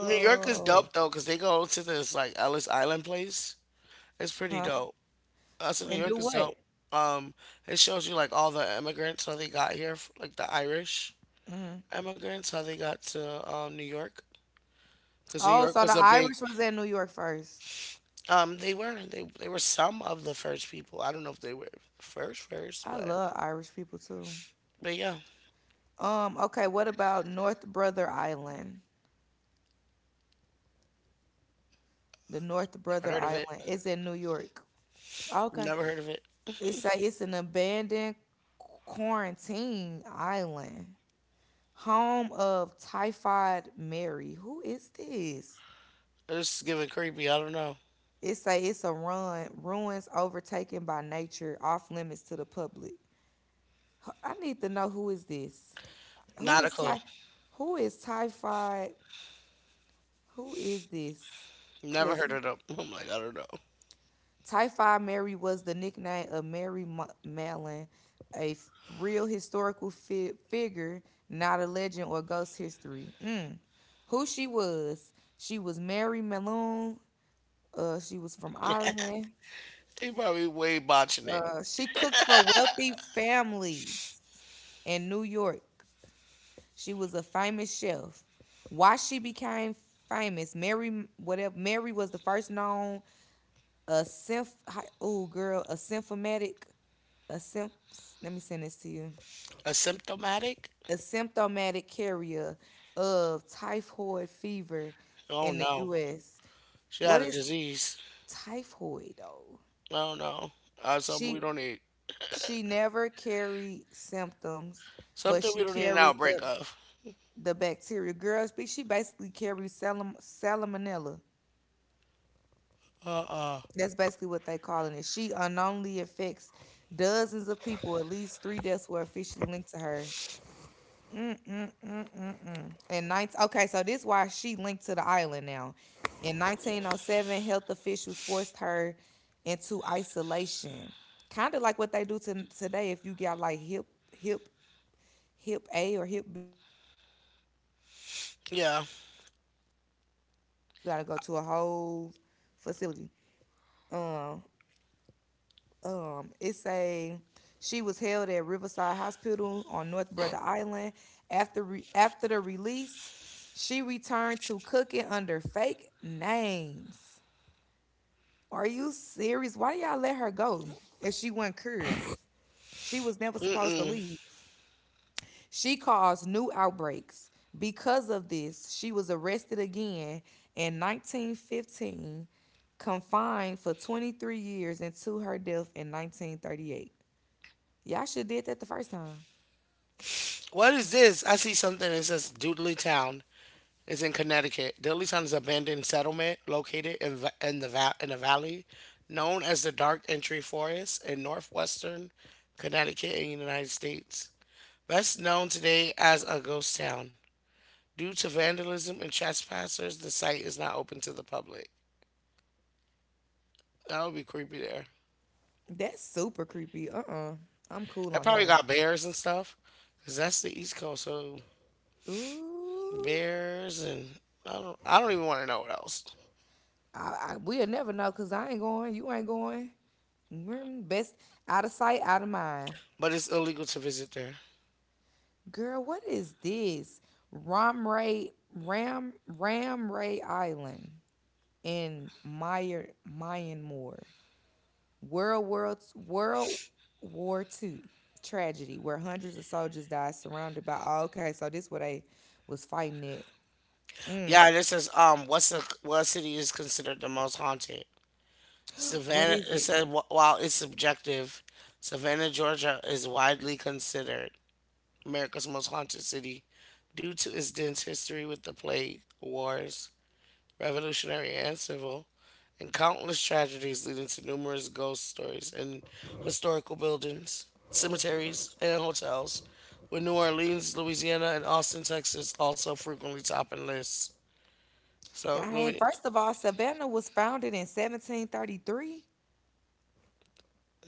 New York is dope though, cause they go to this like Ellis Island place. It's pretty Huh? dope. Us in New And York do is dope. what? Um, it shows you like all the immigrants how they got here, like the Irish Hmm. immigrants how they got to New York, cause New Oh, York so the was a big. Irish was in New York first. They were they were some of the first people. I don't know if they were first first, I love Irish people too. but yeah, Okay, what about North Brother Island? The North never Brother heard of it. Island is in New York. Okay. Never heard of it. It's it's an abandoned quarantine island, home of Typhoid Mary. Who is this? It's giving creepy. I don't know. It say it's a ruins overtaken by nature, off limits to the public. I need to know, who is this? Who Not a is clue. ty- who is typhoid? Who is this? Never Cause heard of them. I'm like I don't know. Typhoid Mary was the nickname of Mallon, a real historical figure, not a legend or ghost history. Mm. Who she was? She was Mary Mallon. She was from Ireland. He probably way botching it. She cooked for wealthy families in New York. She was a famous chef. Why she became famous? Mary, whatever. Mary was the first known a symph. Oh, girl, a symphomatic. A symph. Let me send this to you. Asymptomatic? A symptomatic carrier of typhoid fever Oh in the no, U.S. she What had a is disease. typhoid though? Oh no, uh, something we She don't need. she never carried symptoms, but Something she we don't need an carried the outbreak of. the bacteria. Girl, she basically carries salmonella. Uh uh. That's basically what they calling it. She unknowingly infects dozens of people. At least three deaths were officially linked to her. Mm-mm-mm-mm-mm. And 19, okay, so this why she linked to the island now. In 1907, health officials forced her into isolation, kind of like what they do to, today, if you got like hip hip A or hip B, some one of them. If you catch one of them, they isolate Yeah. you from your whole family. You gotta go to a whole facility. Um, it's a She was held at Riverside Hospital on North Brother Island. After the release, she returned to cooking under fake names. Are you serious? Why do y'all let her go if she wasn't cured? She was never Mm supposed to mm. leave. She caused new outbreaks. Because of this, she was arrested again in 1915, confined for 23 years until her death in 1938. Y'all should did that the first time. What is this? I see something that says Doodley Town is in Connecticut. Dilleytown is an abandoned settlement located in, in a valley known as the Dark Entry Forest in northwestern Connecticut in the United States. Best known today as a ghost town. Due to vandalism and trespassers, the site is not open to the public. That would be creepy there. That's super creepy. Uh-uh. I'm cool It on that probably one. got bears and stuff, cause that's the East Coast. So Ooh. bears and I don't even want to know what else. I we'll never know because I ain't going. You ain't going. Mm, best out of sight, out of mind. But it's illegal to visit there. Girl, what is this? Ram Ray Island in Meyer Myanmar. World War Two tragedy where hundreds of soldiers died, surrounded by... oh, okay, so this what they was fighting at. Mm, Yeah, this is. What's the what city is considered the most haunted? what Savannah. is it? It said while it's subjective, Savannah, Georgia is widely considered America's most haunted city due to its dense history with the plague, wars, revolutionary and civil, and countless tragedies leading to numerous ghost stories and historical buildings, cemeteries, and hotels. With New Orleans, Louisiana, and Austin, Texas also frequently topping lists. So, Dang, Louis. first of all, Savannah was founded in 1733.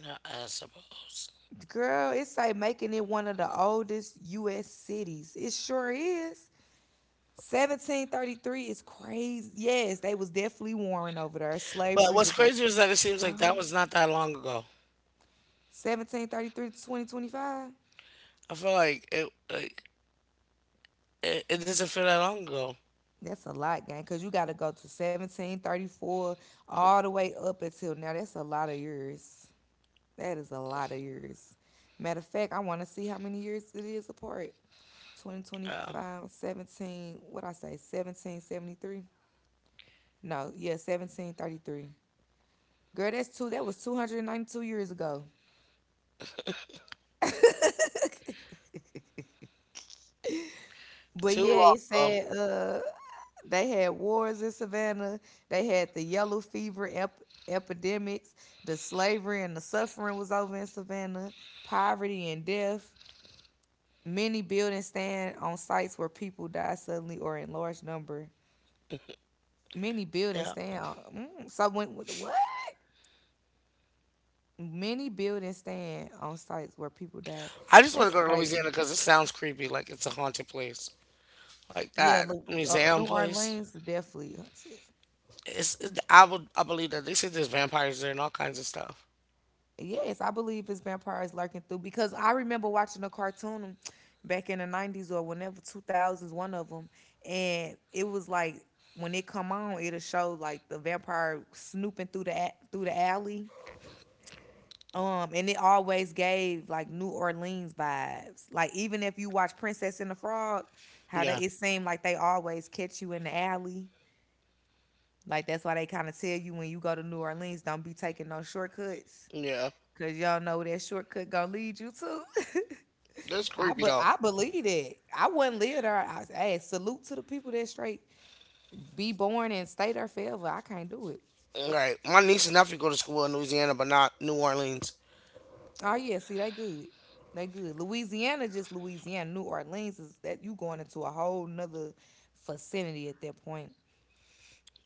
No, I suppose. Girl, it's like making it one of the oldest US cities. It sure is. 1733 is crazy. Yes, they was definitely warring over there. But Slavery what's was a crazy is that it seems like that was not that long ago. 1733 to 2025. I feel like it like it doesn't feel that long ago. That's a lot, gang, because you got to go to 1734 all the way up until now. That's a lot of years. That is a lot of years. Matter of fact, I want to see how many years it is apart. Twenty twenty Yeah. five, 17. What I say, 1773? No, yeah, 1733. Girl, that's two, that was 292 years ago. But Too yeah, it long ago. said they had wars in Savannah. They had the yellow fever epidemics. The slavery and the suffering was over in Savannah. Poverty and death. Many buildings stand on sites where people die suddenly or in large number. Many buildings Yeah. stand. So when, what? What? Many buildings stand on sites where people died. I just That's want to go to crazy. Louisiana because it sounds creepy, like it's a haunted place, like Yeah, that New museum place. Orleans, definitely. I would I believe that they said there's vampires there and all kinds of stuff. Yes, I believe it's vampires lurking through, because I remember watching a cartoon back in the 90s or whenever 2000s, one of them. And it was like when it come on, it'll show like the vampire snooping through the through the alley. And it always gave like New Orleans vibes. Like even if you watch Princess and the Frog, how they Yeah, it seemed like they always catch you in the alley. Like that's why they kind of tell you, when you go to New Orleans, don't be taking no shortcuts. yeah, Cause y'all know that shortcut gonna lead you to. that's I creepy but though. I believe that. I wouldn't live there. I, hey, salute to the people that straight be born and stay there forever. I can't do it. Right, my niece and nephew go to school in Louisiana, but not New Orleans. Oh yeah, see they good, they good. Louisiana just Louisiana. New Orleans is that you going into a whole nother vicinity at that point.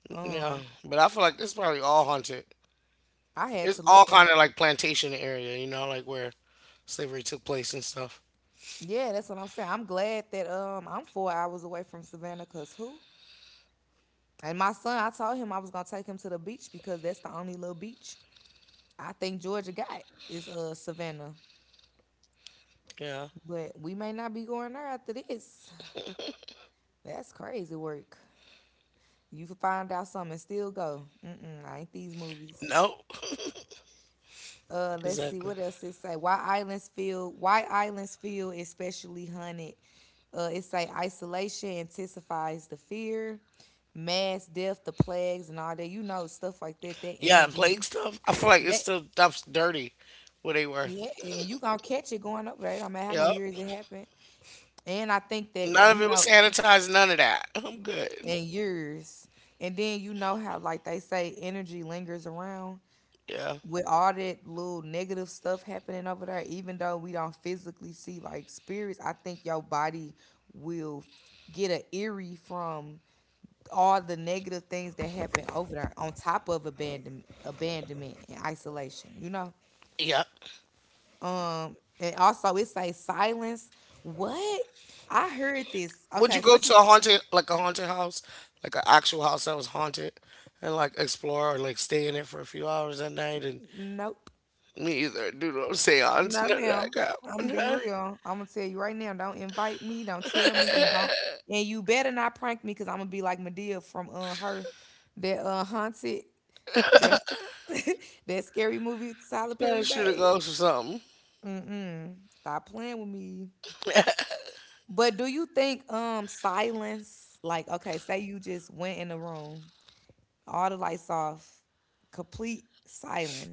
Um, Yeah, but I feel like it's probably all haunted. I had to It's look all and, kind of like plantation area, you know, like where slavery took place and stuff. yeah, that's what I'm saying. I'm glad that I'm 4 hours away from Savannah. Cause who? And my son, I told him I was gonna take him to the beach because that's the only little beach I think Georgia got is Savannah, Yeah. but we may not be going there after this. That's crazy work. You can find out something and still go. Mm-mm, I ain't these movies. No. Let's see Exactly. what else it say. Why islands feel especially hunted. It say isolation intensifies the fear, mass death, the plagues, and all that. You know stuff like that. That Yeah, and energy plague stuff. I feel like it's that, still stuffs dirty where they were. yeah, and you gonna catch it going over there. It don't matter how many Yep. years it happened. And I think that None of you it was know sanitized, none of that. I'm good. and years. And then you know how like they say energy lingers around Yeah. with all that little negative stuff happening over there. Even though we don't physically see like spirits, I think your body will get a eerie from all the negative things that happen over there, on top of abandonment and isolation, you know? Yeah. And also it says silence. What? I heard this. Would Okay, you so go what you... to a haunted like a haunted house? Like an actual house that was haunted and like explore or like stay in it for a few hours at night and Nope. me either do no seance, No, none of that ma'am. I'm gonna be crap. real. I'm gonna tell you right now. Don't invite me. Don't tell me. And don't. And you better not prank me, cause I'm gonna be like Medea from her, that haunted, that that scary movie Tyler None of Perry that shit a made. ghost or something. Mm-mm. Stop playing with me. But do you think silence, like, okay, say you just went in the room, all the lights off, complete silence.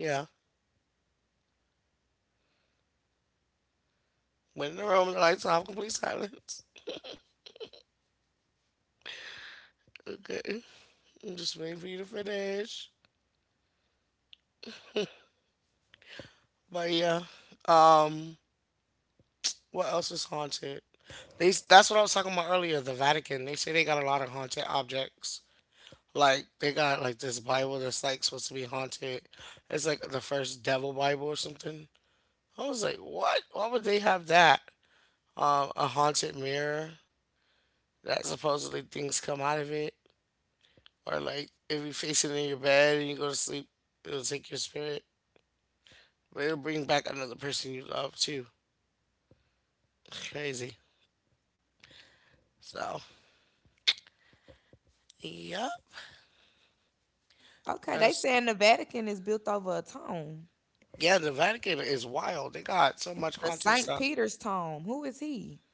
Yeah. When in the room, the lights off, complete silence. Okay. I'm just waiting for you to finish. But yeah. Um, what else is haunted? They that's what I was talking about earlier, the Vatican. They say they got a lot of haunted objects. Like they got like this Bible that's like supposed to be haunted. It's like the first devil Bible or something. I was like, what? Why would they have that? A haunted mirror that supposedly things come out of it, or like if you face it in your bed and you go to sleep, it'll take your spirit. It'll bring back another person you love too. Crazy. So, yep. Okay, they That's saying the Vatican is built over a tomb. yeah. The Vatican is wild. They got so much The haunted Saint stuff. Peter's tomb. Who is he?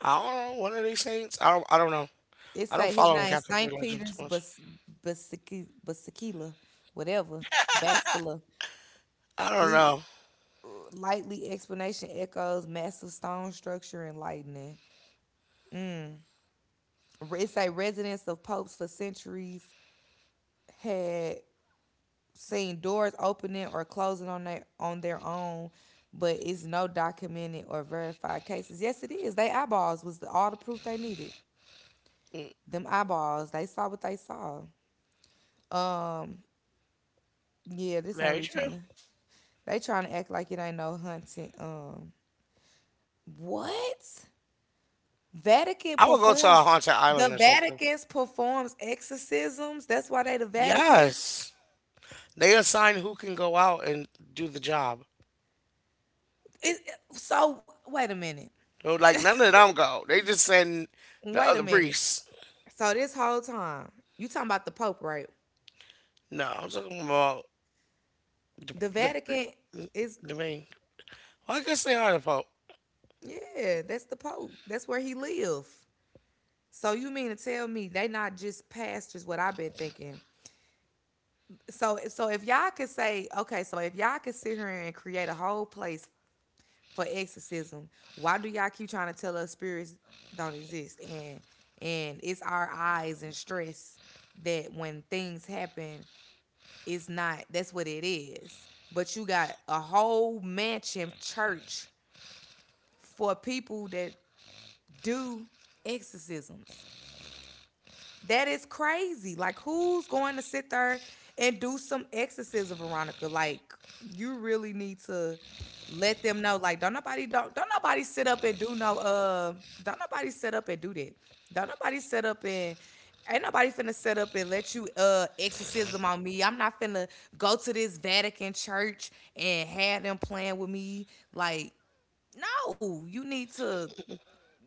I don't know. What are they saints? I don't know. It I don't say his follow the name Catholic Saint religion too Peter's much. Bas Basiki Basikila, whatever, Bascula. I don't He know. lightly explanation echoes massive stone structure and lightning. Mm. It say residents of popes for centuries had seen doors opening or closing on their own, but it's no documented or verified cases. Yes, it is. They eyeballs was the, all the proof they needed. Mm. Them eyeballs, they saw what they saw. Um, yeah, this ain't Very really true. trying to. They trying to act like it ain't no hunting. What? Vatican I would go to performs. a haunted The island or something. Vatican's performs exorcisms. That's why they the Vatican's. Yes. They assign who can go out and do the job. So wait a minute. So like none of them go. They just send the Wait a other minute. priests. So this whole time, you talking about the Pope, right? No, I'm talking about The the Vatican pri- is... the main. I guess they are the Pope. yeah, that's the Pope. That's where he live. So you mean to tell me they not just pastors? What I've been thinking. So if y'all could say, okay, so if y'all could sit here and create a whole place for exorcism. Why do y'all keep trying to tell us spirits don't exist? And it's our eyes and stress that when things happen, it's not, that's what it is. But you got a whole mansion church for people that do exorcisms. That is crazy. Like, who's going to sit there and do some exorcism, Veronica? Like, you really need to let them know. Like, don't nobody sit up and do no don't nobody sit up and do that. Don't nobody sit up and, ain't nobody finna sit up and let you exorcism on me. I'm not finna go to this Vatican church and have them playing with me. Like, no, you need to,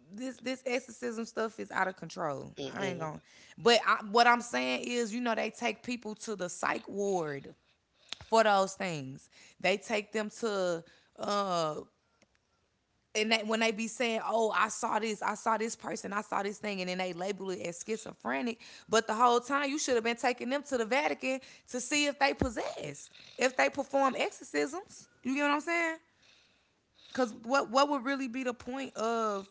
this exorcism stuff is out of control. I ain't Mm-mm. gonna. But I, what I'm saying is, you know, they take people to the psych ward for those things. They take them to uh and they, when they be saying, "Oh, I saw this person, I saw this thing," and then they label it as schizophrenic, but the whole time you should have been taking them to the Vatican to see if they possessed, if they perform exorcisms. You get what I'm saying? Because what would really be the point of,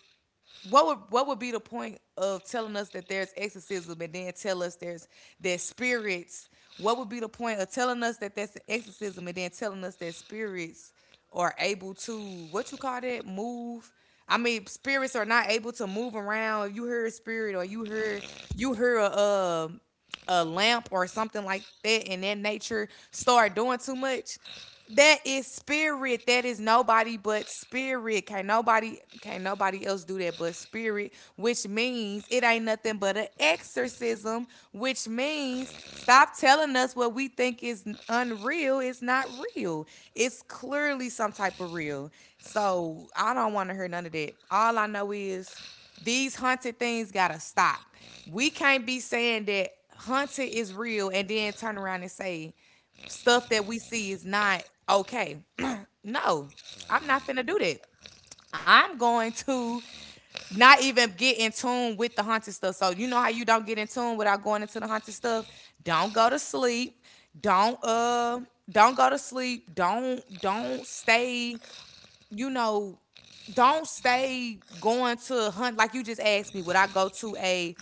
what would be the point of telling us that there's exorcism and then tell us there's spirits? What would be the point of telling us that that's an exorcism and then telling us that spirits are able to, what you call that, move? I mean, spirits are not able to move around. You hear a spirit, or you hear, you hear a um a lamp or something like that in that nature start doing too much, that is spirit. That is nobody but spirit. Can't nobody else do that but spirit, which means it ain't nothing but an exorcism, which means stop telling us what we think is unreal. It's not real. It's clearly some type of real. So I don't want to hear none of that. All I know is these haunted things gotta stop. We can't be saying that hunting is real and then turn around and say stuff that we see is not okay. No, I'm not finna do that. I'm going to not even get in tune with the haunted stuff. So you know how you don't get in tune without going into the haunted stuff? Don't go to sleep. Don't uh don't go to sleep. Don't stay, you know, don't stay going to hunt. Like you just asked me, would I go to a,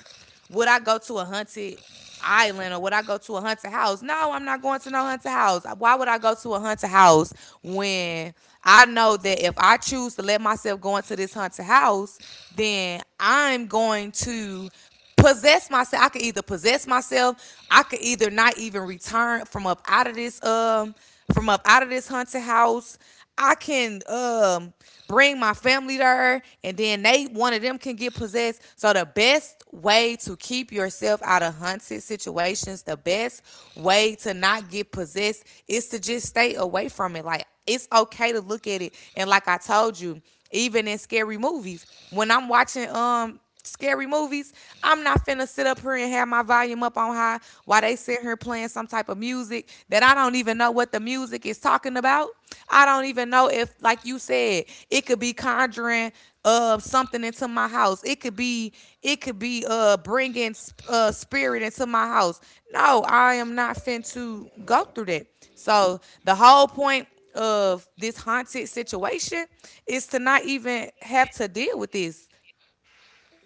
hunted island, or would I go to a haunted house? No, I'm not going to no haunted house. Why would I go to a haunted house when I know that if I choose to let myself go into this haunted house, then I'm going to possess myself. I could either possess myself. I could either not even return from up out of this from up out of this haunted house. I can bring my family there, and then they, one of them, can get possessed. So the best way to keep yourself out of haunted situations, the best way to not get possessed, is to just stay away from it. Like, it's okay to look at it, and like I told you, even in scary movies, when I'm watching scary movies, I'm not finna sit up here and have my volume up on high while they sit here playing some type of music that I don't even know what the music is talking about. I don't even know if, like you said, it could be conjuring something into my house. It could be, it could be bringing spirit into my house. No, I am not fin to go through that. So the whole point of this haunted situation is to not even have to deal with this.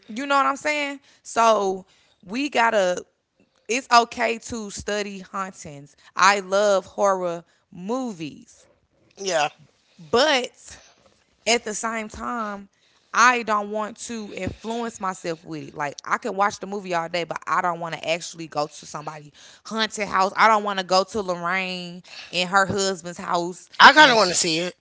You know what I'm saying? So we gotta. It's okay to study hauntings. I love horror movies, Yeah, but at the same time, I don't want to influence myself with it. Like, I can watch the movie all day, but I don't want to actually go to somebody haunted house. I don't want to go to Lorraine and her husband's house, I kind and of want to see it.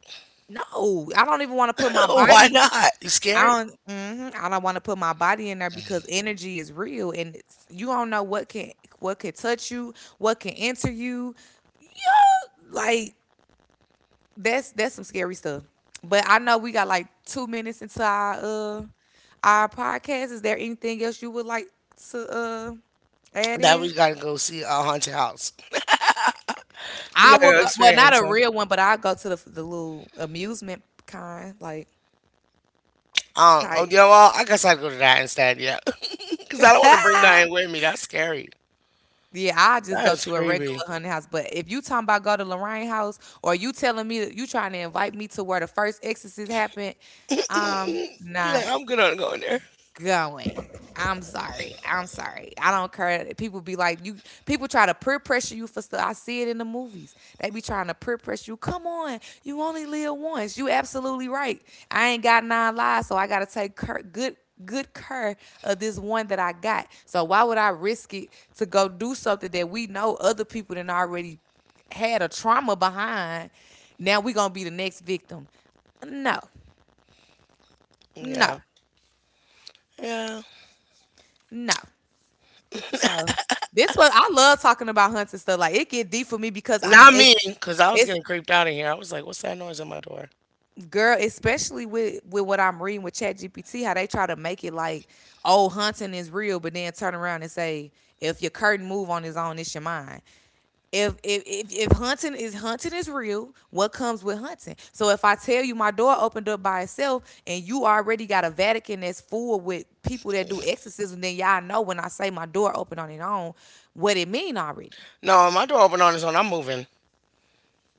no, I don't even want to put my Why body, not? You I scared? don't. Mhm, I don't want to put my body in there because energy is real, and it's, you don't know what can, what can touch you, what can enter you. Like that's some scary stuff. But I know we got like 2 minutes into our uh our podcast. Is there anything else you would like to add That in? we gotta go see a haunted house. We I gotta would go go. Well, not experience a one. real one, but I go to the little amusement kind, like Oh type. yeah. Well, I guess I'd go to that instead. Yeah, because I don't want to bring that in with me. That's scary. Yeah, I just That go is to a regular creepy. hunting house. But if you talking about go to Lorraine house, or you telling me that you trying to invite me to where the first exorcist happened, I'm You like? not I'm good on going there. going. I'm sorry. I'm sorry. I don't care. People be like, you, people try to peer pressure you for stuff. I see it in the movies. They be trying to peer pressure you. Come on. You only live once. You absolutely right. I ain't got nine lives, so I gotta take good good care of this one that I got. So why would I risk it to go do something that we know other people done already had a trauma behind? Now we gonna be the next victim. No, no, Yeah. Yeah. no. So this was, I love talking about hunting stuff. Like it get deep for me because I'm Not it's me, because I was it's getting creeped out of here. I was like, what's that noise on my door? girl, especially with what I'm reading with Chat GPT, how they try to make it like, oh, hunting is real, but then turn around and say, if your curtain move on its own, it's your mind. If hunting is real, what comes with hunting? So if I tell you my door opened up by itself and you already got a Vatican that's full with people that do exorcism, then y'all know when I say my door opened on its own, what it mean already. No, my door opened on its own. I'm moving.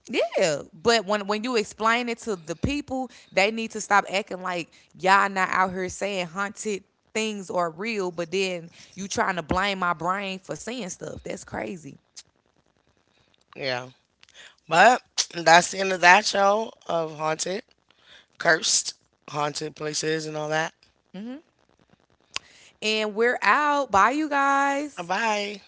Yeah, but when you explain it to the people, they need to stop acting like y'all not out here saying haunted things are real, but then you trying to blame my brain for seeing stuff. That's crazy. Yeah. But that's the end of that show of Haunted. Cursed haunted places and all that. Mm-hmm. And we're out. Bye, you guys. Bye.